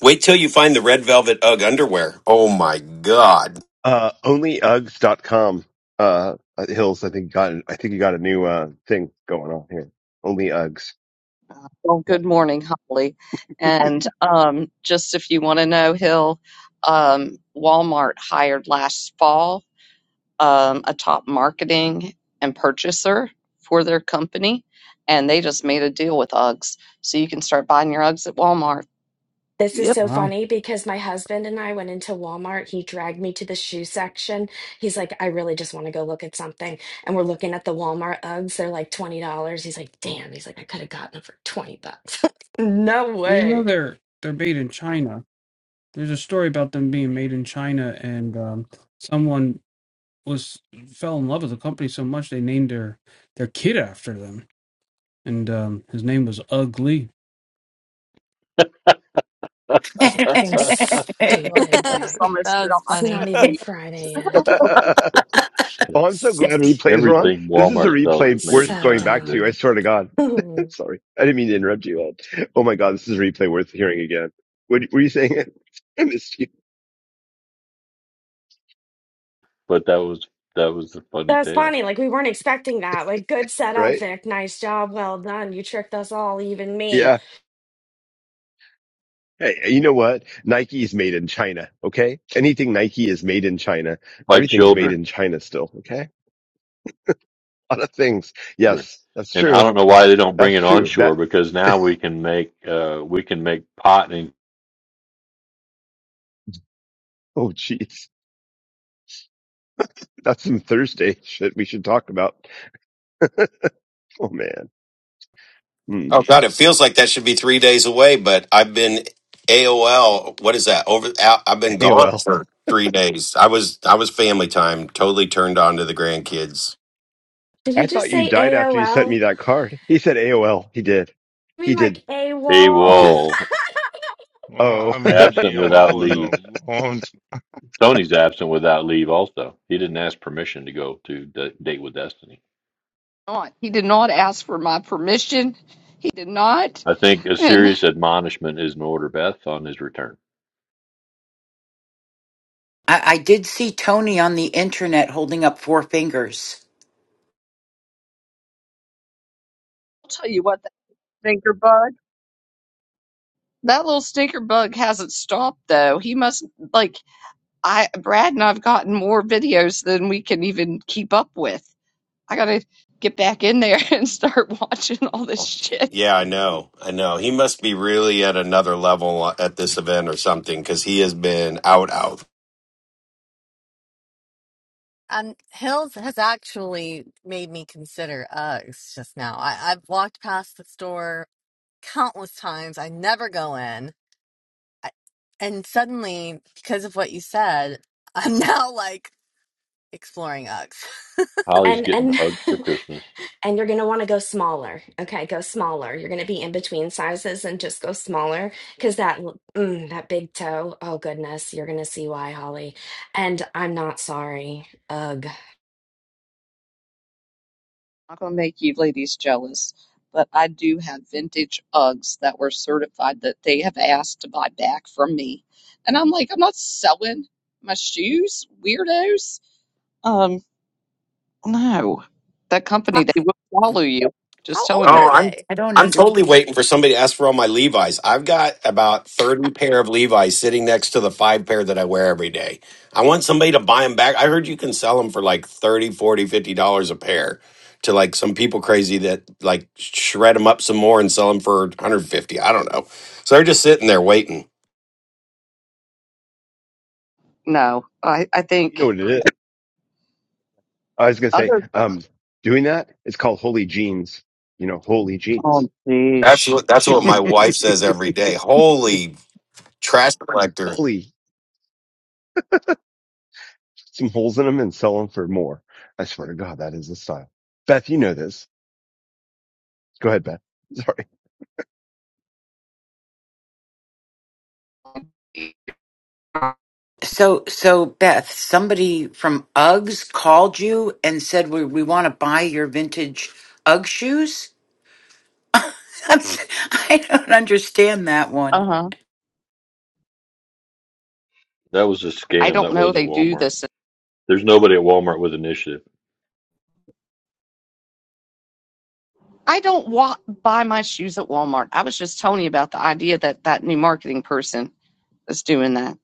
Speaker 11: Wait till you find the red velvet UGG underwear. Oh my god.
Speaker 8: Uh, onlyuggs.com, uh, uh, Hills, I think got, I think you got a new, uh, thing going on here. Only Uggs.
Speaker 1: Well,
Speaker 8: Yep.
Speaker 1: good morning, Holly. And um, just if you want to know, Hill, um, Walmart hired last fall um, a top marketing and purchaser for their company, and they just made a deal with Uggs, so you can start buying your Uggs at Walmart.
Speaker 12: This is
Speaker 1: Yep.
Speaker 12: so
Speaker 4: well,
Speaker 12: funny because my husband and I went into Walmart. He dragged me to the shoe section. He's like, I really just want to go look at something. And we're looking at the Walmart Uggs. They're like $20. He's like, damn. He's like, I could have gotten them for 20 bucks. <laughs> No
Speaker 4: well, you know
Speaker 12: way.
Speaker 4: they're they're made in China. There's a story about them being made in China, and um, someone was fell in love with the company so much they named their their kid after them, and um, his name was Ugly
Speaker 12: Fucking
Speaker 9: <laughs>
Speaker 1: Oh my God,
Speaker 13: <laughs>
Speaker 6: <laughs>
Speaker 12: stupid,
Speaker 13: that
Speaker 1: just
Speaker 12: Vic.
Speaker 1: almost spit out
Speaker 13: was
Speaker 1: my
Speaker 12: It's not
Speaker 1: sweet
Speaker 13: funny.
Speaker 12: even
Speaker 1: tea.
Speaker 12: Friday
Speaker 8: <laughs>
Speaker 12: yet.
Speaker 1: <laughs>
Speaker 8: oh, I'm so glad
Speaker 12: St-
Speaker 8: replays were on.
Speaker 9: Everything
Speaker 8: This is a
Speaker 9: Walmart sells
Speaker 8: replay
Speaker 9: is made in
Speaker 8: worth
Speaker 12: So
Speaker 8: going
Speaker 9: China,
Speaker 8: back to.
Speaker 9: Vic.
Speaker 12: dumb.
Speaker 8: I swear to God. <laughs>
Speaker 12: <laughs>
Speaker 8: Sorry. I didn't mean to interrupt you all. Oh my God. This is a replay worth hearing again. What were you saying? <laughs> I missed you,
Speaker 9: But that was that was the funny
Speaker 12: That was
Speaker 9: tale.
Speaker 12: funny. Like, we weren't expecting that. Like, good setup,
Speaker 8: right?
Speaker 12: Vic. Nice job. Well done. You tricked us all, even me.
Speaker 8: Yeah. Hey, you know what? Nike is made in China, okay? Anything Nike is made in China.
Speaker 9: My
Speaker 8: Everything's made
Speaker 9: children
Speaker 8: in China still, okay? A lot of things.
Speaker 9: children.
Speaker 8: Yes, that's
Speaker 9: And I
Speaker 8: true.
Speaker 9: don't know why they don't bring
Speaker 8: That's
Speaker 9: it
Speaker 8: true. That,
Speaker 9: onshore because now we can make uh, we can make pot and
Speaker 8: oh jeez. That's some Thursday <laughs> shit we should talk about. Oh man. Hmm.
Speaker 11: Oh god, it feels like that should be three days away, but I've been AOL. What is that? Over. out- I've been gone
Speaker 8: AOL.
Speaker 11: for three days. I was I was family time. Totally turned on to the grandkids.
Speaker 12: Did he
Speaker 8: I
Speaker 12: just
Speaker 8: thought you
Speaker 12: say
Speaker 8: died after you sent me
Speaker 12: AOL?
Speaker 8: that card. He said AOL. He did.
Speaker 12: I
Speaker 8: He
Speaker 12: mean,
Speaker 8: did.
Speaker 12: like
Speaker 9: a
Speaker 8: He
Speaker 12: AWOL. <laughs>
Speaker 8: did.
Speaker 3: Well, I
Speaker 8: Oh. <laughs>
Speaker 3: haven't heard
Speaker 9: absent without
Speaker 3: AOL in
Speaker 9: leave.
Speaker 3: a long
Speaker 9: Tony's absent without leave. Also, he didn't ask permission to go to d- date with Destiny.
Speaker 1: Not. He did not ask for my permission. He did not.
Speaker 9: I think a
Speaker 1: And I'll
Speaker 9: serious admonishment is in order, Beth, on his return.
Speaker 6: I, I did see Tony on the internet holding up four fingers.
Speaker 1: tell you what, that stinker bug. That little stinker bug hasn't stopped though. He must like I Brad and I've gotten more videos than we can even keep up with. I gotta get back in there <laughs> and start watching all this shit. I'm
Speaker 11: Yeah, I know. I know. He must be really at another level at this event or something because he has been out, out.
Speaker 13: Um, Hills has actually made me consider Uggs just now. I, I've walked past the store countless times. I never go in. I, and suddenly, because of what you said, I'm <laughs> now like exploring Uggs.
Speaker 9: Holly's
Speaker 12: And
Speaker 9: getting
Speaker 12: and
Speaker 9: hugs for
Speaker 12: <laughs>
Speaker 9: Christmas.
Speaker 12: and you're gonna want to go smaller. Okay, go smaller. You're gonna be in between sizes and just go smaller because that l- mm, that big toe. Oh goodness, you're gonna see why, Holly. And I'm not sorry. Ugh.
Speaker 1: not gonna make you ladies jealous, but I do have vintage Uggs that were certified that they have asked to buy back from me. And I'm like, I'm not selling my shoes, weirdos. Um, no. That
Speaker 13: How,
Speaker 1: company, they will follow you.
Speaker 13: how
Speaker 1: Just
Speaker 13: old
Speaker 1: telling you.
Speaker 11: Oh,
Speaker 13: are
Speaker 11: I'm.
Speaker 13: they?
Speaker 6: I don't
Speaker 11: I'm
Speaker 6: under
Speaker 11: totally waiting for somebody to ask for all my Levi's. I've got about 30 pair of Levi's sitting next to the five pair that I wear every day. I want somebody to buy them back. I heard you can sell them for like 30, 40, fifty dollars a pair to like some people crazy that like shred them up some more and sell them for 150. I don't know. So they're just sitting there waiting.
Speaker 1: No. I, I
Speaker 8: you know
Speaker 1: think
Speaker 8: what it is. I was gonna say,
Speaker 1: Other,
Speaker 8: um, doing that, it's called holy jeans. You know, holy jeans.
Speaker 1: oh,
Speaker 11: That's
Speaker 1: geez,
Speaker 11: what that's what
Speaker 1: Sean.
Speaker 11: my wife says every
Speaker 8: <laughs>
Speaker 11: day. Holy trash collector.
Speaker 8: Holy, some holes in them and sell them for more. I swear to God, that is the style. Beth, you know this. Go ahead, Beth. <laughs> Sorry.
Speaker 6: so so Beth. Somebody from UGGs called you and said we we want to buy your vintage UGG shoes. <laughs> That's- I don't understand that one.
Speaker 1: Uh huh.
Speaker 9: That was a
Speaker 1: I
Speaker 9: scam.
Speaker 1: don't
Speaker 9: That
Speaker 1: know
Speaker 9: was
Speaker 1: if
Speaker 9: at
Speaker 1: they do
Speaker 9: Walmart.
Speaker 1: this.
Speaker 9: There's nobody at Walmart with initiative.
Speaker 1: I don't walk, buy my shoes at Walmart. I was just telling you about the idea that that new marketing person is doing that.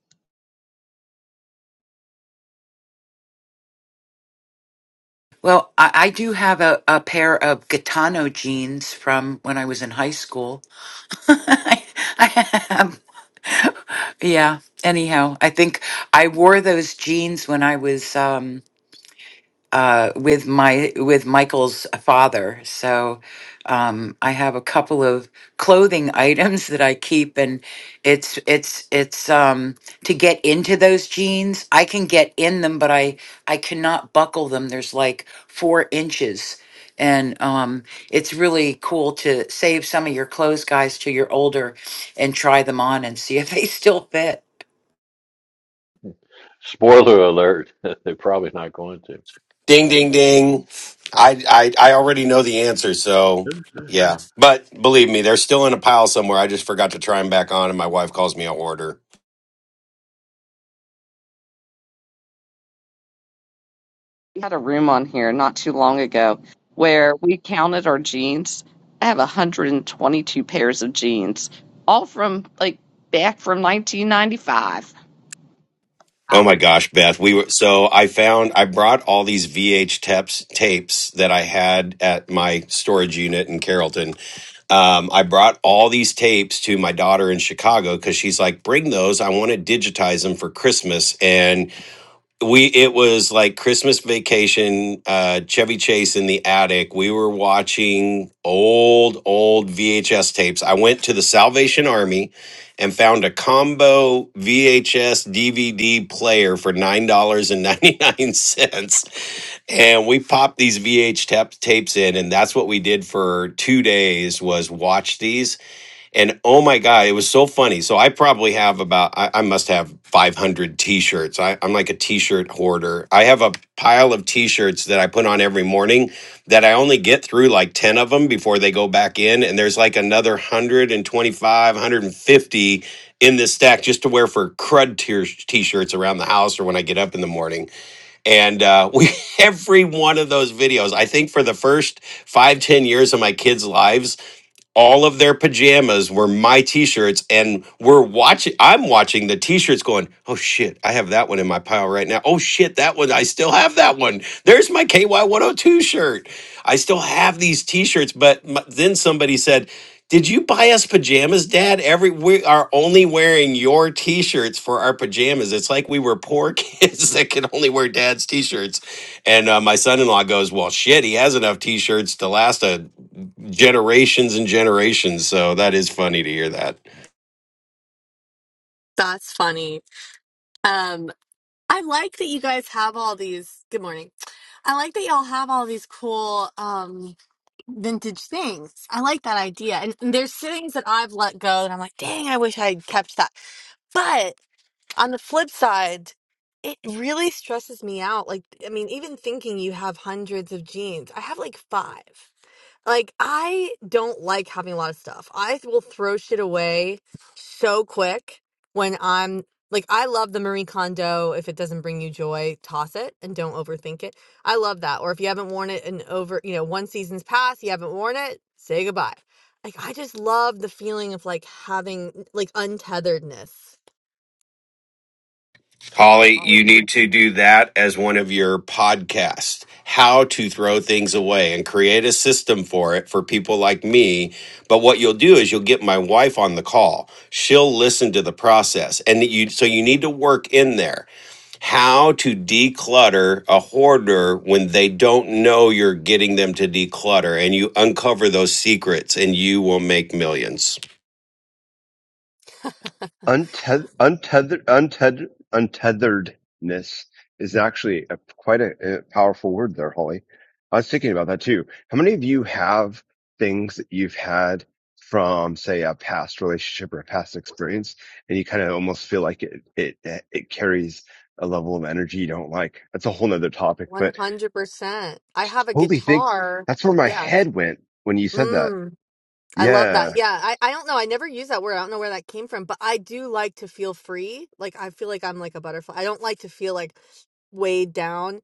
Speaker 6: Well, I, I do have a, a pair of Gitano jeans from when I was in high school. <laughs> I, I have, yeah. Anyhow, I think I wore those jeans when I was. Um, uh, with my with Michael's father. So um, I have a couple of clothing <laughs> items that I keep, and it's it's it's um, to get into those jeans. I can get in them, but I I cannot buckle them. There's like four inches. And um, it's really cool to save some of your clothes, guys, till you're older and try them on and see if they <laughs> still fit.
Speaker 9: Spoiler alert: <laughs> they're probably not going
Speaker 11: Ding ding ding. I I, I already know the answer, so
Speaker 9: to.
Speaker 11: yeah. But believe me, they're still in a pile somewhere. I just forgot to try them back on and my wife calls me a hoarder.
Speaker 1: We had a room on here not too long ago where we counted our jeans. I have 122 pairs of jeans, all from like back from 1995.
Speaker 11: Oh my gosh, Beth. We were so I found I brought all these VH tapes tapes that I had at my storage unit in Carrollton um, I brought all these tapes to my daughter in Chicago because she's like, bring those. I want to digitize them for Christmas. and. we it was like christmas vacation uh chevy chase in the attic we were watching old old vhs tapes i went to the salvation army and found a combo vhs dvd player for nine dollars and 99 cents and we popped these vh tap- tapes in and that's what we did for two days was watch these and oh my God, it was so funny. So I probably have about, I, I must have 500 t shirts. I'm like a t shirt hoarder. I have a pile of t shirts that I put on every morning that I only get through like 10 of them before they go back in. And there's like another 125, 150 in this stack just to wear for crud t shirts around the house or when I get up in the morning. And uh, <laughs> we, every one of those videos, I think for the first five, ten years of my kids' lives, all of their pajamas were my t-shirts and we're watching i'm watching the t-shirts going oh shit i have that one in my pile right now oh shit that one i still have that one there's my ky102 shirt i still have these t-shirts but m then somebody said did you buy us pajamas dad every we are only wearing your t-shirts for our pajamas it's like we were poor <laughs> kids that could only wear dad's t-shirts and uh, my son-in-law goes, "Well, shit, he has enough T-shirts to last a generations and generations." So that is funny to hear that.
Speaker 13: That's funny. Um, I like that you guys have all these. Good morning. I like that y'all have all these cool. um vintage things. I like that idea. And, and there's things that I've let go and I'm like, dang, I wish I had kept that. But on the flip side, it really stresses me out. Like, I mean, even thinking you have hundreds of jeans, I have like five. Like, I don't like having a lot of stuff. I th- will throw shit away so quick when I'm like, I love the Marie Kondo. If it doesn't bring you joy, toss it and don't overthink it. I love that. Or if you haven't worn it in over, you know, one season's past, you haven't worn it, say goodbye. Like, I just love the feeling of like having like untetheredness.
Speaker 11: Holly, you need to do that as one of your podcasts. How to throw things away and create a system for it for people like me. But what you'll do is you'll get my wife on the call. She'll listen to the process. And you so you need to work in there how to declutter a hoarder when they don't know you're getting them to declutter and you uncover those secrets and you will make millions.
Speaker 8: Unteth- untethered, untethered, untetheredness is actually a, quite a, a powerful word there, Holly. I was thinking about that too. How many of you have things that you've had from, say, a past relationship or a past experience, and you kind of almost feel like it, it, it carries a level of energy you don't like? That's a whole nother topic, but
Speaker 13: 100%. I have a
Speaker 8: Holy think
Speaker 13: guitar.
Speaker 8: that's where my
Speaker 13: Yeah.
Speaker 8: head went when you said that.
Speaker 13: Mm. I love
Speaker 8: Yeah.
Speaker 13: that. Yeah, I, I don't know. I never use that word. I don't know where that came from, but I do like to feel free. Like I feel like I'm like a butterfly. I don't like to feel like weighed down,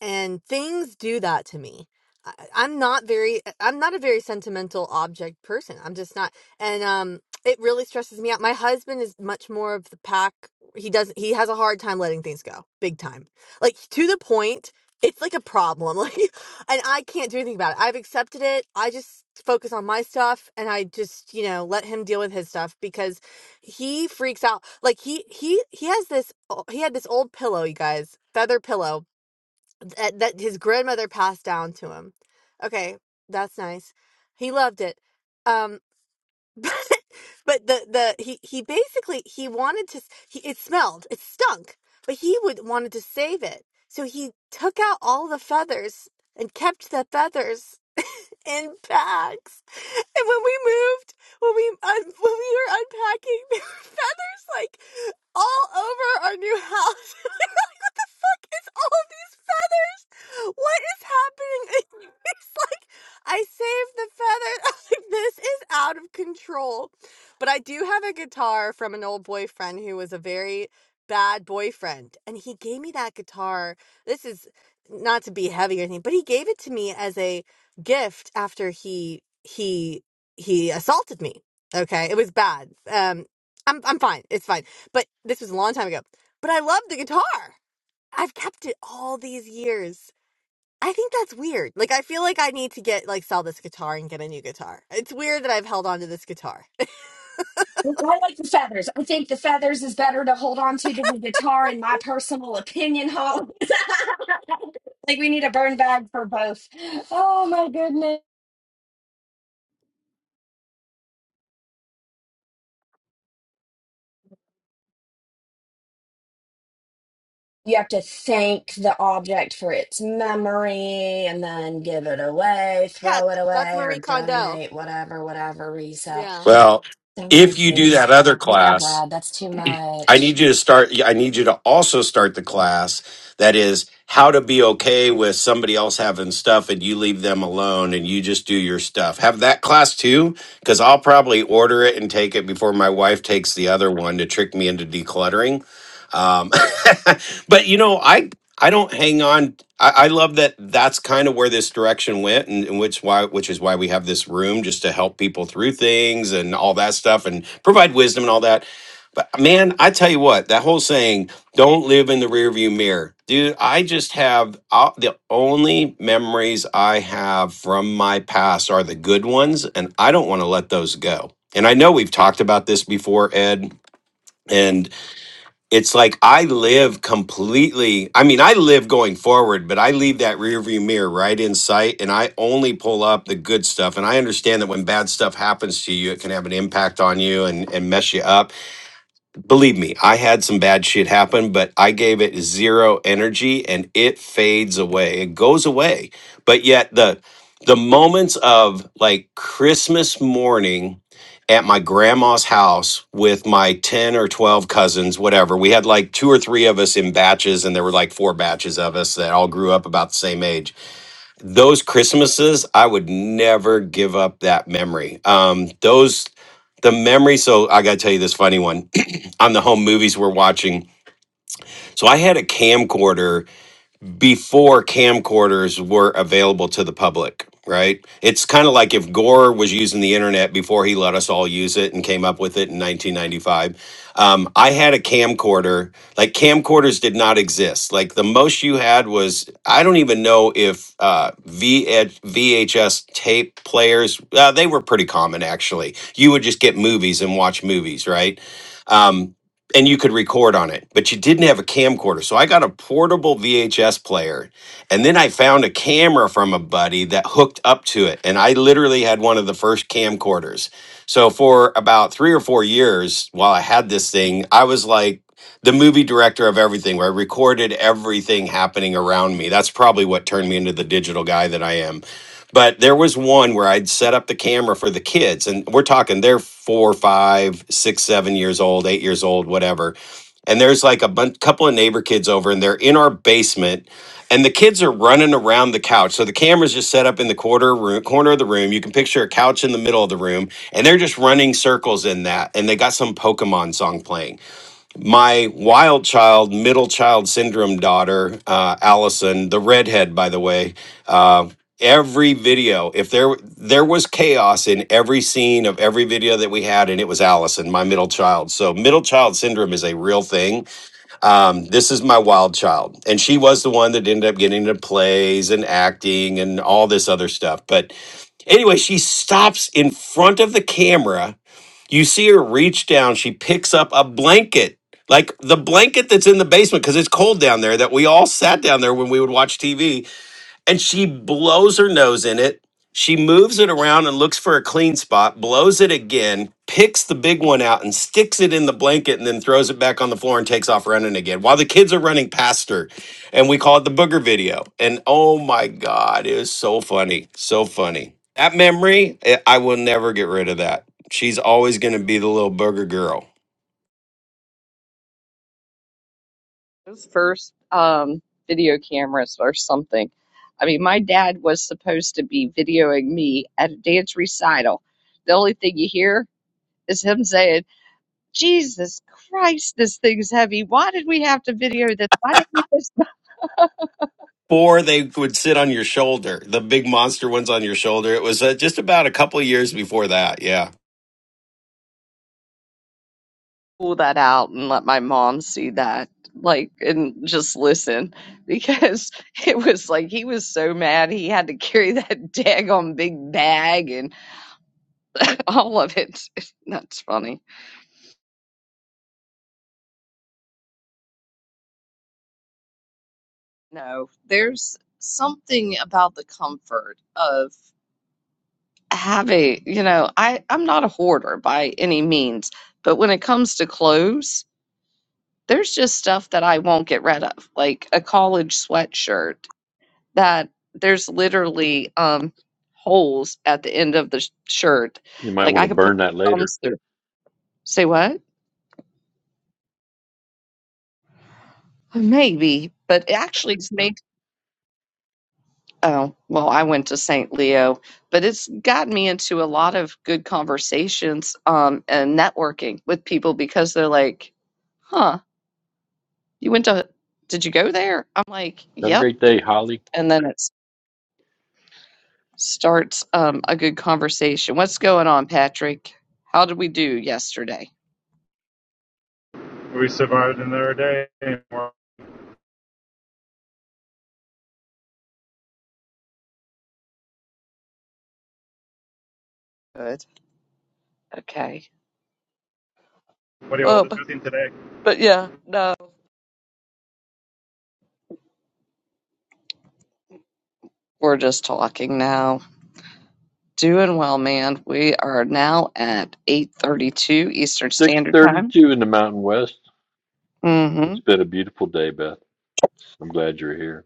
Speaker 13: and things do that to me. I, I'm not very. I'm not a very sentimental object person. I'm just not, and um, it really stresses me out. My husband is much more of the pack. He does. He has a hard time letting things go, big time. Like to the point. It's like a problem. <laughs> Like and I can't do anything about it. I've accepted it. I just focus on my stuff and I just, you know, let him deal with his stuff because he freaks out. Like he he he has this he had this old pillow, you guys, feather pillow that, that his grandmother passed down to him. Okay, that's nice. He loved it. Um <laughs> but but the the he he basically he wanted to he, it smelled it stunk but he would wanted to save it so he took out all the feathers and kept the feathers in bags. And when we moved, when we un- when we were unpacking, <laughs> there were feathers like all over our new house. <laughs> We were like, what the fuck is all of these feathers? What is happening? <laughs> And It's like I saved the feathers. <laughs> I was like, this is out of control. But I do have a guitar from an old boyfriend who was a very bad boyfriend, and he gave me that guitar. This is not to be heavy or anything, but he gave it to me as a gift after he he he assaulted me. Okay, it was bad. Um, I'm I'm fine. It's fine. But this was a long time ago. But I love the guitar. I've kept it all these years. I think that's weird. Like I feel like I need to get like sell this guitar and get a new guitar. It's weird that I've held on to this guitar.
Speaker 12: I like the feathers. I think the feathers is better to hold on to than the guitar, in my personal opinion, Holly. <laughs> Like we need a burn bag for both. Oh my goodness. you have to thank the object for its memory and then give it away,
Speaker 13: Yeah,
Speaker 12: throw it
Speaker 13: that's
Speaker 12: away, or
Speaker 13: Marie Kondo.
Speaker 12: donate, whatever, whatever, resell
Speaker 13: Yeah.
Speaker 11: Well,
Speaker 12: the whole
Speaker 11: if you do
Speaker 12: thing.
Speaker 11: that other
Speaker 12: Yeah,
Speaker 11: class,
Speaker 12: Brad, that's too
Speaker 11: I
Speaker 12: much.
Speaker 11: need you to start. I need you to also start the class that is how to be okay with somebody else having stuff and you leave them alone and you just do your stuff. Have that class too, because I'll probably order it and take it before my wife takes the other one to trick me into decluttering. Um, <laughs> but you know, I I don't hang on. I, I love that. That's kind of where this direction went, and, and which why which is why we have this room just to help people through things and all that stuff and provide wisdom and all that but man, I tell you what, that whole saying, don't live in the rearview mirror. Dude, I just have uh, the only memories I have from my past are the good ones, and I don't want to let those go. And I know we've talked about this before, Ed, and it's like I live completely. I mean, I live going forward, but I leave that rearview mirror right in sight and I only pull up the good stuff. And I understand that when bad stuff happens to you, it can have an impact on you and, and mess you up Believe me, I had some bad shit happen, but I gave it zero energy and it fades away. It goes away. But yet the the moments of like Christmas morning at my grandma's house with my 10 or 12 cousins, whatever. We had like two or three of us in batches and there were like four batches of us that all grew up about the same age. Those Christmases, I would never give up that memory. Um those the memory so i gotta tell you this funny one on the home movies we're watching. So I had a camcorder before camcorders were available to the public, right? It's kind of like if Gore was using the internet before he let us all use it and came up with it in 1995. Um, I had a camcorder. Like camcorders did not exist. Like the most you had was, I don't even know if uh, VHS tape players, uh, they were pretty common actually. You would just get movies and watch movies, right? Um, and you could record on it, but you didn't have a camcorder. So I got a portable VHS player, and then I found a camera from a buddy that hooked up to it, and I literally had one of the first camcorders. So for about three or four years, while I had this thing, I was like the movie director of everything, where I recorded everything happening around me. That's probably what turned me into the digital guy that I am. But there was one where I'd set up the camera for the kids, and we're talking they're four, five, six, seven years old, eight years old, whatever. And there's like a bun- couple of neighbor kids over, and they're in our basement, and the kids are running around the couch. So the camera's just set up in the quarter room, corner of the room. You can picture a couch in the middle of the room, and they're just running circles in that. And they got some Pokemon song playing my wild child, middle child syndrome daughter, uh, Allison, the redhead, by the way, uh, every video, if there there was chaos in every scene of every video that we had, and it was Allison, my middle child. So middle child syndrome is a real thing. Um, this is my wild child, and she was the one that ended up getting into plays and acting and all this other stuff. But anyway, she stops in front of the camera you see her reach down. She picks up a blanket, like the blanket that's in the basement because it's cold down there that we all sat down there when we would watch TV and she blows her nose in it. She moves it around and looks for a clean spot, blows it again, picks the big one out and sticks it in the blanket and then throws it back on the floor and takes off running again while the kids are running past her. And we call it the booger video. And oh my God, it was so funny. So funny. That memory, I I will never get rid of that. She's always going to be the little booger girl.
Speaker 1: Those first um, video cameras or something. I mean, my dad was supposed to be videoing me at a dance recital. The only thing you hear is him saying, Jesus Christ, this thing's heavy. Why did we have to video this? Why didn't we just <laughs> not
Speaker 11: Or they would sit on your shoulder, the big monster ones on your shoulder. It was uh, just about a couple of years before that. Yeah.
Speaker 1: pull that out and let my mom see that? Like, and just listen because <laughs> it was like he was so mad he had to carry <laughs> that daggone big bag and <laughs> all of it. <laughs> That's funny. No, there's something about the comfort of having, you know, I, I'm not a hoarder by any means, but when it comes to clothes, there's just stuff that I won't get rid of, like a college sweatshirt that there's literally um holes at the end of the sh- shirt.
Speaker 9: You might
Speaker 1: Like
Speaker 9: want to
Speaker 1: I could put
Speaker 9: burn that later.
Speaker 1: thumbs through. Say what? Maybe, but it actually is Oh, well, I went to St. Leo, but it's gotten me into a lot of good conversations um, and networking with people because they're like, huh, you went to, did you go there? I'm like,
Speaker 9: Have a
Speaker 1: yep.
Speaker 9: great day, Holly.
Speaker 1: And then it s- starts um, a good conversation. What's going on, Patrick? How did we do yesterday?
Speaker 14: We survived another day. And we're,
Speaker 1: Good. Okay.
Speaker 14: what are you all
Speaker 1: Um,
Speaker 14: discussing today?
Speaker 1: but yeah, no. We're just talking now. Doing well, man. We are now at 8:32 Eastern Standard Time.
Speaker 9: 6:32 in the Mountain West.
Speaker 1: Mm-hmm.
Speaker 9: It's been a beautiful day, Beth. I'm glad you're here.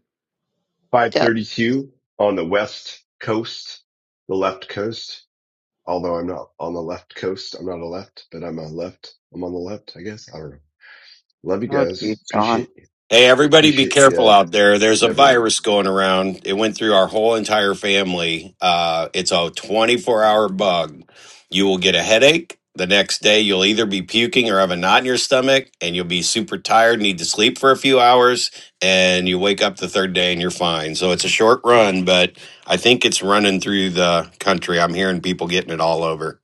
Speaker 1: Yep.
Speaker 8: 532 on the west coast, the left coast. Although I'm not on the left coast. I'm not a left, but I'm a left. I'm on the left, I guess. I don't know. Love you
Speaker 1: Good,
Speaker 8: guys.
Speaker 1: John.
Speaker 8: Appreciate,
Speaker 11: Hey, everybody, be
Speaker 8: appreciate you
Speaker 11: careful
Speaker 8: Ed,
Speaker 11: out there. There's a
Speaker 8: and everyone.
Speaker 11: virus going around. It went through our whole entire family. Uh, it's a 24 hour bug. You will get a headache. The next day, you'll either be puking or have a knot in your stomach, and you'll be super tired, need to sleep for a few hours, and you wake up the third day and you're fine. So it's a short run, but I think it's running through the country. I'm hearing people getting it all over.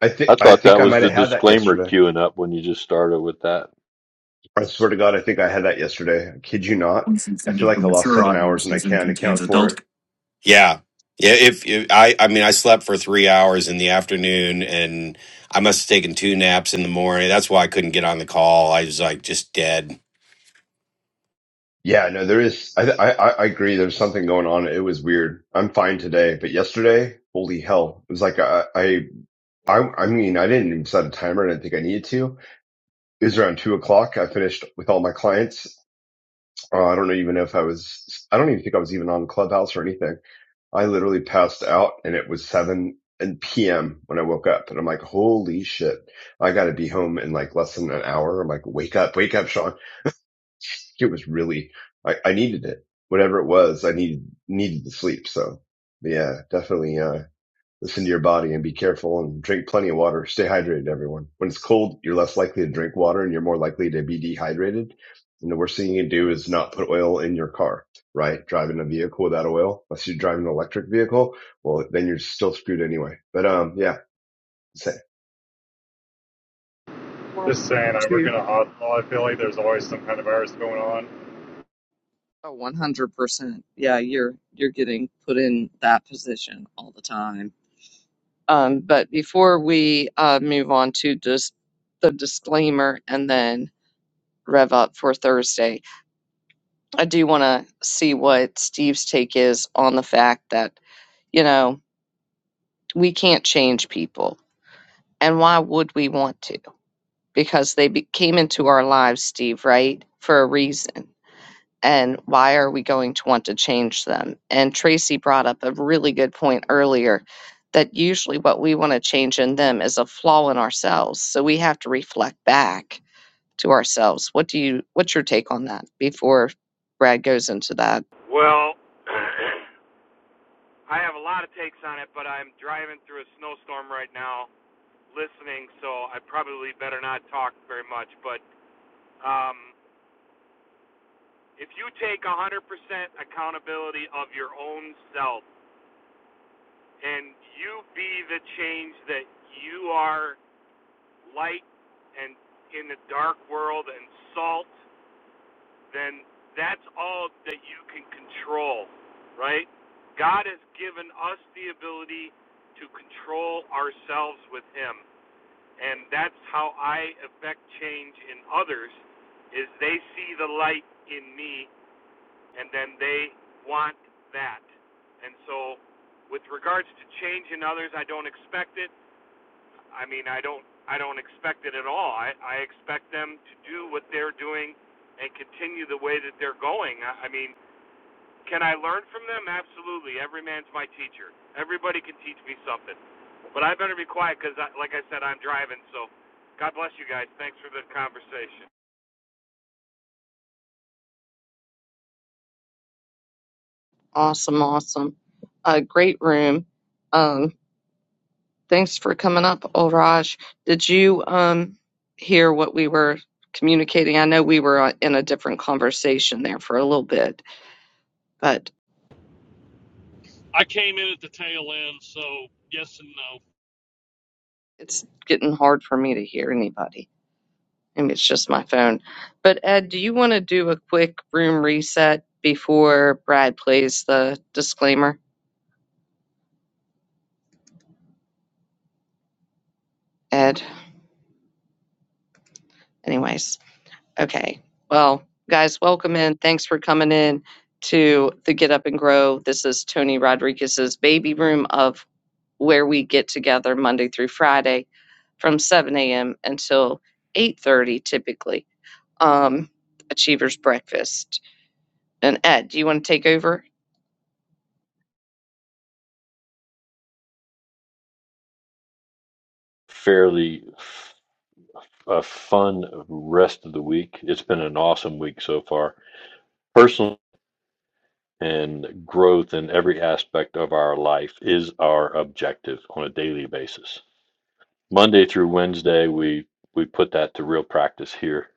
Speaker 8: I
Speaker 9: I
Speaker 8: think, I
Speaker 9: thought
Speaker 8: think
Speaker 9: that
Speaker 8: I
Speaker 9: was
Speaker 8: might have
Speaker 9: the
Speaker 8: had that
Speaker 9: disclaimer
Speaker 8: yesterday.
Speaker 9: queuing up when you just started with that
Speaker 8: I swear to God, I think I had that yesterday. I kid you not.
Speaker 11: It's
Speaker 8: I feel
Speaker 11: Intended for
Speaker 8: like I lost
Speaker 11: mature
Speaker 8: seven hours and I
Speaker 11: audiences and
Speaker 8: can't
Speaker 11: contains
Speaker 8: account for it.
Speaker 11: adult. Yeah. Yeah, if, if I I mean I slept for 3 hours in the afternoon and I must have taken two naps in the morning. That's why I couldn't get on the call. I was like just dead.
Speaker 8: Yeah, no, there is. I, I, I agree. There's something going on. It was weird. I'm fine today, but yesterday, holy hell. It was like, I, I, I I mean, I didn't even set a timer. I didn't think I needed to. It was around two o'clock. I finished with all my clients. Uh, I don't even know if I was, I don't even think I was even on Clubhouse or anything. I literally passed out and it was seven and PM when I woke up and I'm like, holy shit. I got to be home in like less than an hour. I'm like, wake up, wake up, Sean. it was really, I, I needed it. Whatever it was, I needed, needed the sleep. So yeah, definitely, uh, listen to your body and be careful and drink plenty of water. Stay hydrated, everyone. When it's cold, you're less likely to drink water and you're more likely to be dehydrated. And the worst thing you can do is not put oil in your car, right? Driving a vehicle without oil, unless you drive an electric vehicle, well, then you're still screwed anyway. But, um, yeah,
Speaker 1: for
Speaker 14: Just saying, I work
Speaker 1: you.
Speaker 14: in a hospital. I feel like there's always some kind of virus going on.
Speaker 1: Oh, 100%. Yeah, you're you're getting put in that position all the time. Um, but before we uh, move on to just the disclaimer and then rev up for Thursday, I do want to see what Steve's take is on the fact that, you know, we can't change people. And why would we want to? Because they be- came into our lives, Steve, right? For a reason. and why are we going to want to change them? And Tracy brought up a really good point earlier that usually what we want to change in them is a flaw in ourselves. So we have to reflect back to ourselves. What do you what's your take on that before Brad goes into that?
Speaker 15: Well, <clears throat> I have a lot of takes on it, but I'm driving through a snowstorm right now, listening, so I probably better not talk very much. But um, if you take 100% accountability of your own self and you be the change that you are light and in the dark world and salt then that's all that you can control, right? God has given us the ability to control ourselves with Him. And that's how I affect change in others is they see the light in me and then they want that. And so with regards to change in others, I don't expect it. I mean, I don't I don't expect it at all. I, I expect them to do what they're doing and continue the way that they're going. I, I mean, can I learn from them? Absolutely. Every man's my teacher. Everybody can teach me something. But I better be quiet because, like I said, I'm driving. So God bless you guys. Thanks for the conversation.
Speaker 1: Awesome, awesome. Uh great room. Um thanks for coming up, old Raj. Did you um hear what we were communicating? I know we were uh, in a different conversation there for a little bit, but
Speaker 16: I came in at the tail end, so yes and no.
Speaker 1: it's getting hard for me to hear anybody. Maybe it's just my phone. But Ed, do you want to do a quick room reset before Brad plays the disclaimer? Ed, anyways. Okay. Well, guys, welcome in. Thanks for coming in to the Get Up and Grow. This is Tony Rodriguez's baby room of where we get together Monday through Friday from 7 a.m. until 8:30 typically. Um, Achievers Breakfast. And Ed, do you want to take over?
Speaker 9: fairly f- a fun rest of the week. It's been an awesome week so far. Personal and growth in every aspect of our life is our objective on a daily basis. Monday through Wednesday, we we put that to real practice here.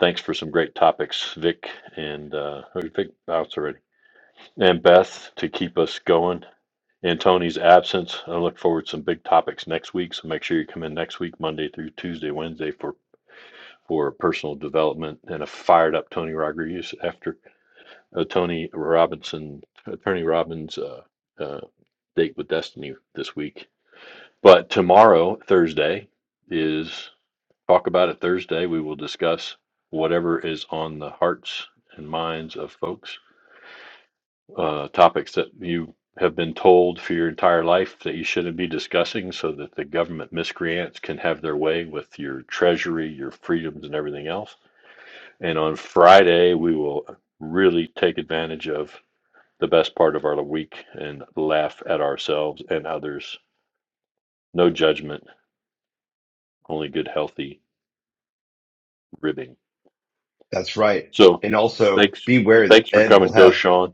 Speaker 9: Thanks for some great topics, Vic and uh, oh, Vic Bouts already. and Beth to keep us going. In Tony's absence, I look forward to some big topics next week. So make sure you come in next week, Monday through Tuesday, Wednesday for for personal development and a fired up Tony Rodriguez after uh, Tony Robinson, Attorney Robbins' uh, uh, date with Destiny this week. But tomorrow, Thursday, is talk about it Thursday. We will discuss whatever is on the hearts and minds of folks uh, topics that you have been told for your entire life that you shouldn't be discussing so that the government miscreants can have their way with your treasury, your freedoms, and everything else. And on Friday, we will really take advantage of the best part of our week and laugh at ourselves and others. No judgment, only good, healthy ribbing.
Speaker 8: that's right.
Speaker 9: So
Speaker 8: And also
Speaker 9: thanks.
Speaker 8: beware that
Speaker 9: Thanks for
Speaker 8: Ed will
Speaker 9: coming. Go,
Speaker 8: have
Speaker 9: Sean.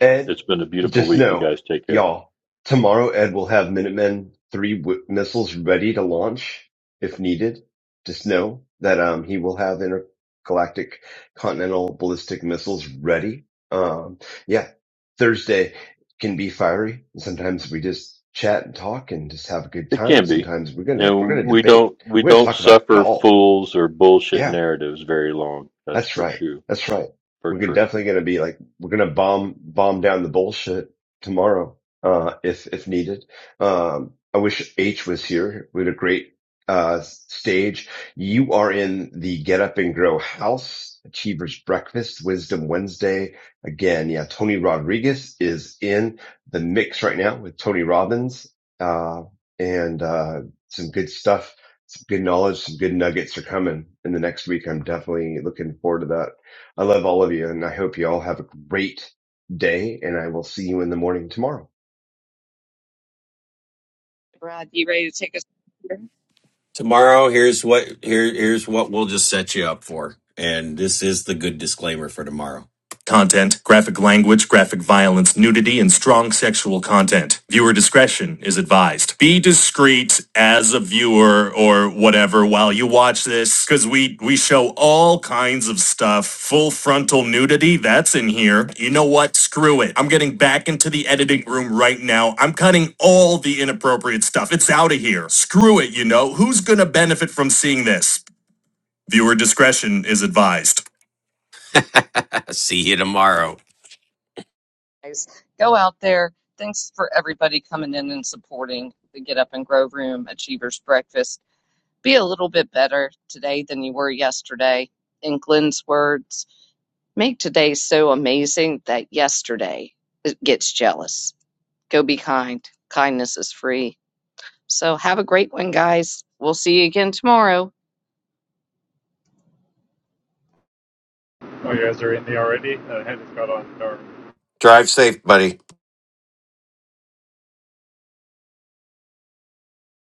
Speaker 8: Ed
Speaker 9: It's been a beautiful
Speaker 8: Just
Speaker 9: week. You
Speaker 8: know,
Speaker 9: guys take care.
Speaker 8: y'all, tomorrow Ed will have Minutemen three w- missiles ready to launch if needed. Just know that um he will have intergalactic continental ballistic missiles ready. Um yeah, Thursday can be fiery. Sometimes we just chat and talk and just have a good
Speaker 9: It
Speaker 8: time.
Speaker 9: can be.
Speaker 8: Sometimes we're gonna we're
Speaker 9: And
Speaker 8: gonna
Speaker 9: we
Speaker 8: debate.
Speaker 9: don't we
Speaker 8: We're gonna
Speaker 9: don't
Speaker 8: talk about it
Speaker 9: suffer
Speaker 8: all.
Speaker 9: fools or
Speaker 8: Yeah.
Speaker 9: bullshit narratives very long. That's
Speaker 8: That's
Speaker 9: for
Speaker 8: right.
Speaker 9: true.
Speaker 8: That's right.
Speaker 9: For
Speaker 8: We're gonna-
Speaker 9: true.
Speaker 8: definitely going to be like, we're going to bomb, bomb down the bullshit tomorrow, uh, if, if needed. Um, I wish H was here. We had a great, uh, stage. You are in the Get Up and Grow House, Achievers Breakfast, Wisdom Wednesday. Again, yeah, Tony Rodriguez is in the mix right now with Tony Robbins, uh, and, uh, some good stuff some good knowledge, some good nuggets are coming in the next week. I'm definitely looking forward to that. I love all of you and I hope you all have a great day and I will see you in the morning tomorrow.
Speaker 1: Rod, you ready to take us? here?
Speaker 11: Tomorrow, here's what here here's what we'll just set you up for. And this is the good disclaimer for tomorrow. Content, graphic language, graphic violence, nudity, and strong sexual content. Viewer discretion is advised. Be discreet as a viewer or whatever while you watch this, because we, we show all kinds of stuff. Full frontal nudity, that's in here. You know what? Screw it. I'm getting back into the editing room right now. I'm cutting all the inappropriate stuff. It's out of here. Screw it, you know. Who's gonna benefit from seeing this? Viewer discretion is advised. <laughs> See you tomorrow.
Speaker 1: Guys, go out there. Thanks for everybody coming in and supporting the Get Up and Grow Room Achievers Breakfast. Be a little bit better today than you were yesterday. In Glenn's words, make today so amazing that yesterday it gets jealous. Go be kind. Kindness is free. So have a great one, guys. We'll see you again tomorrow.
Speaker 14: Oh, you guys are in there already? Uh, I just got on. Or
Speaker 11: Drive safe, buddy.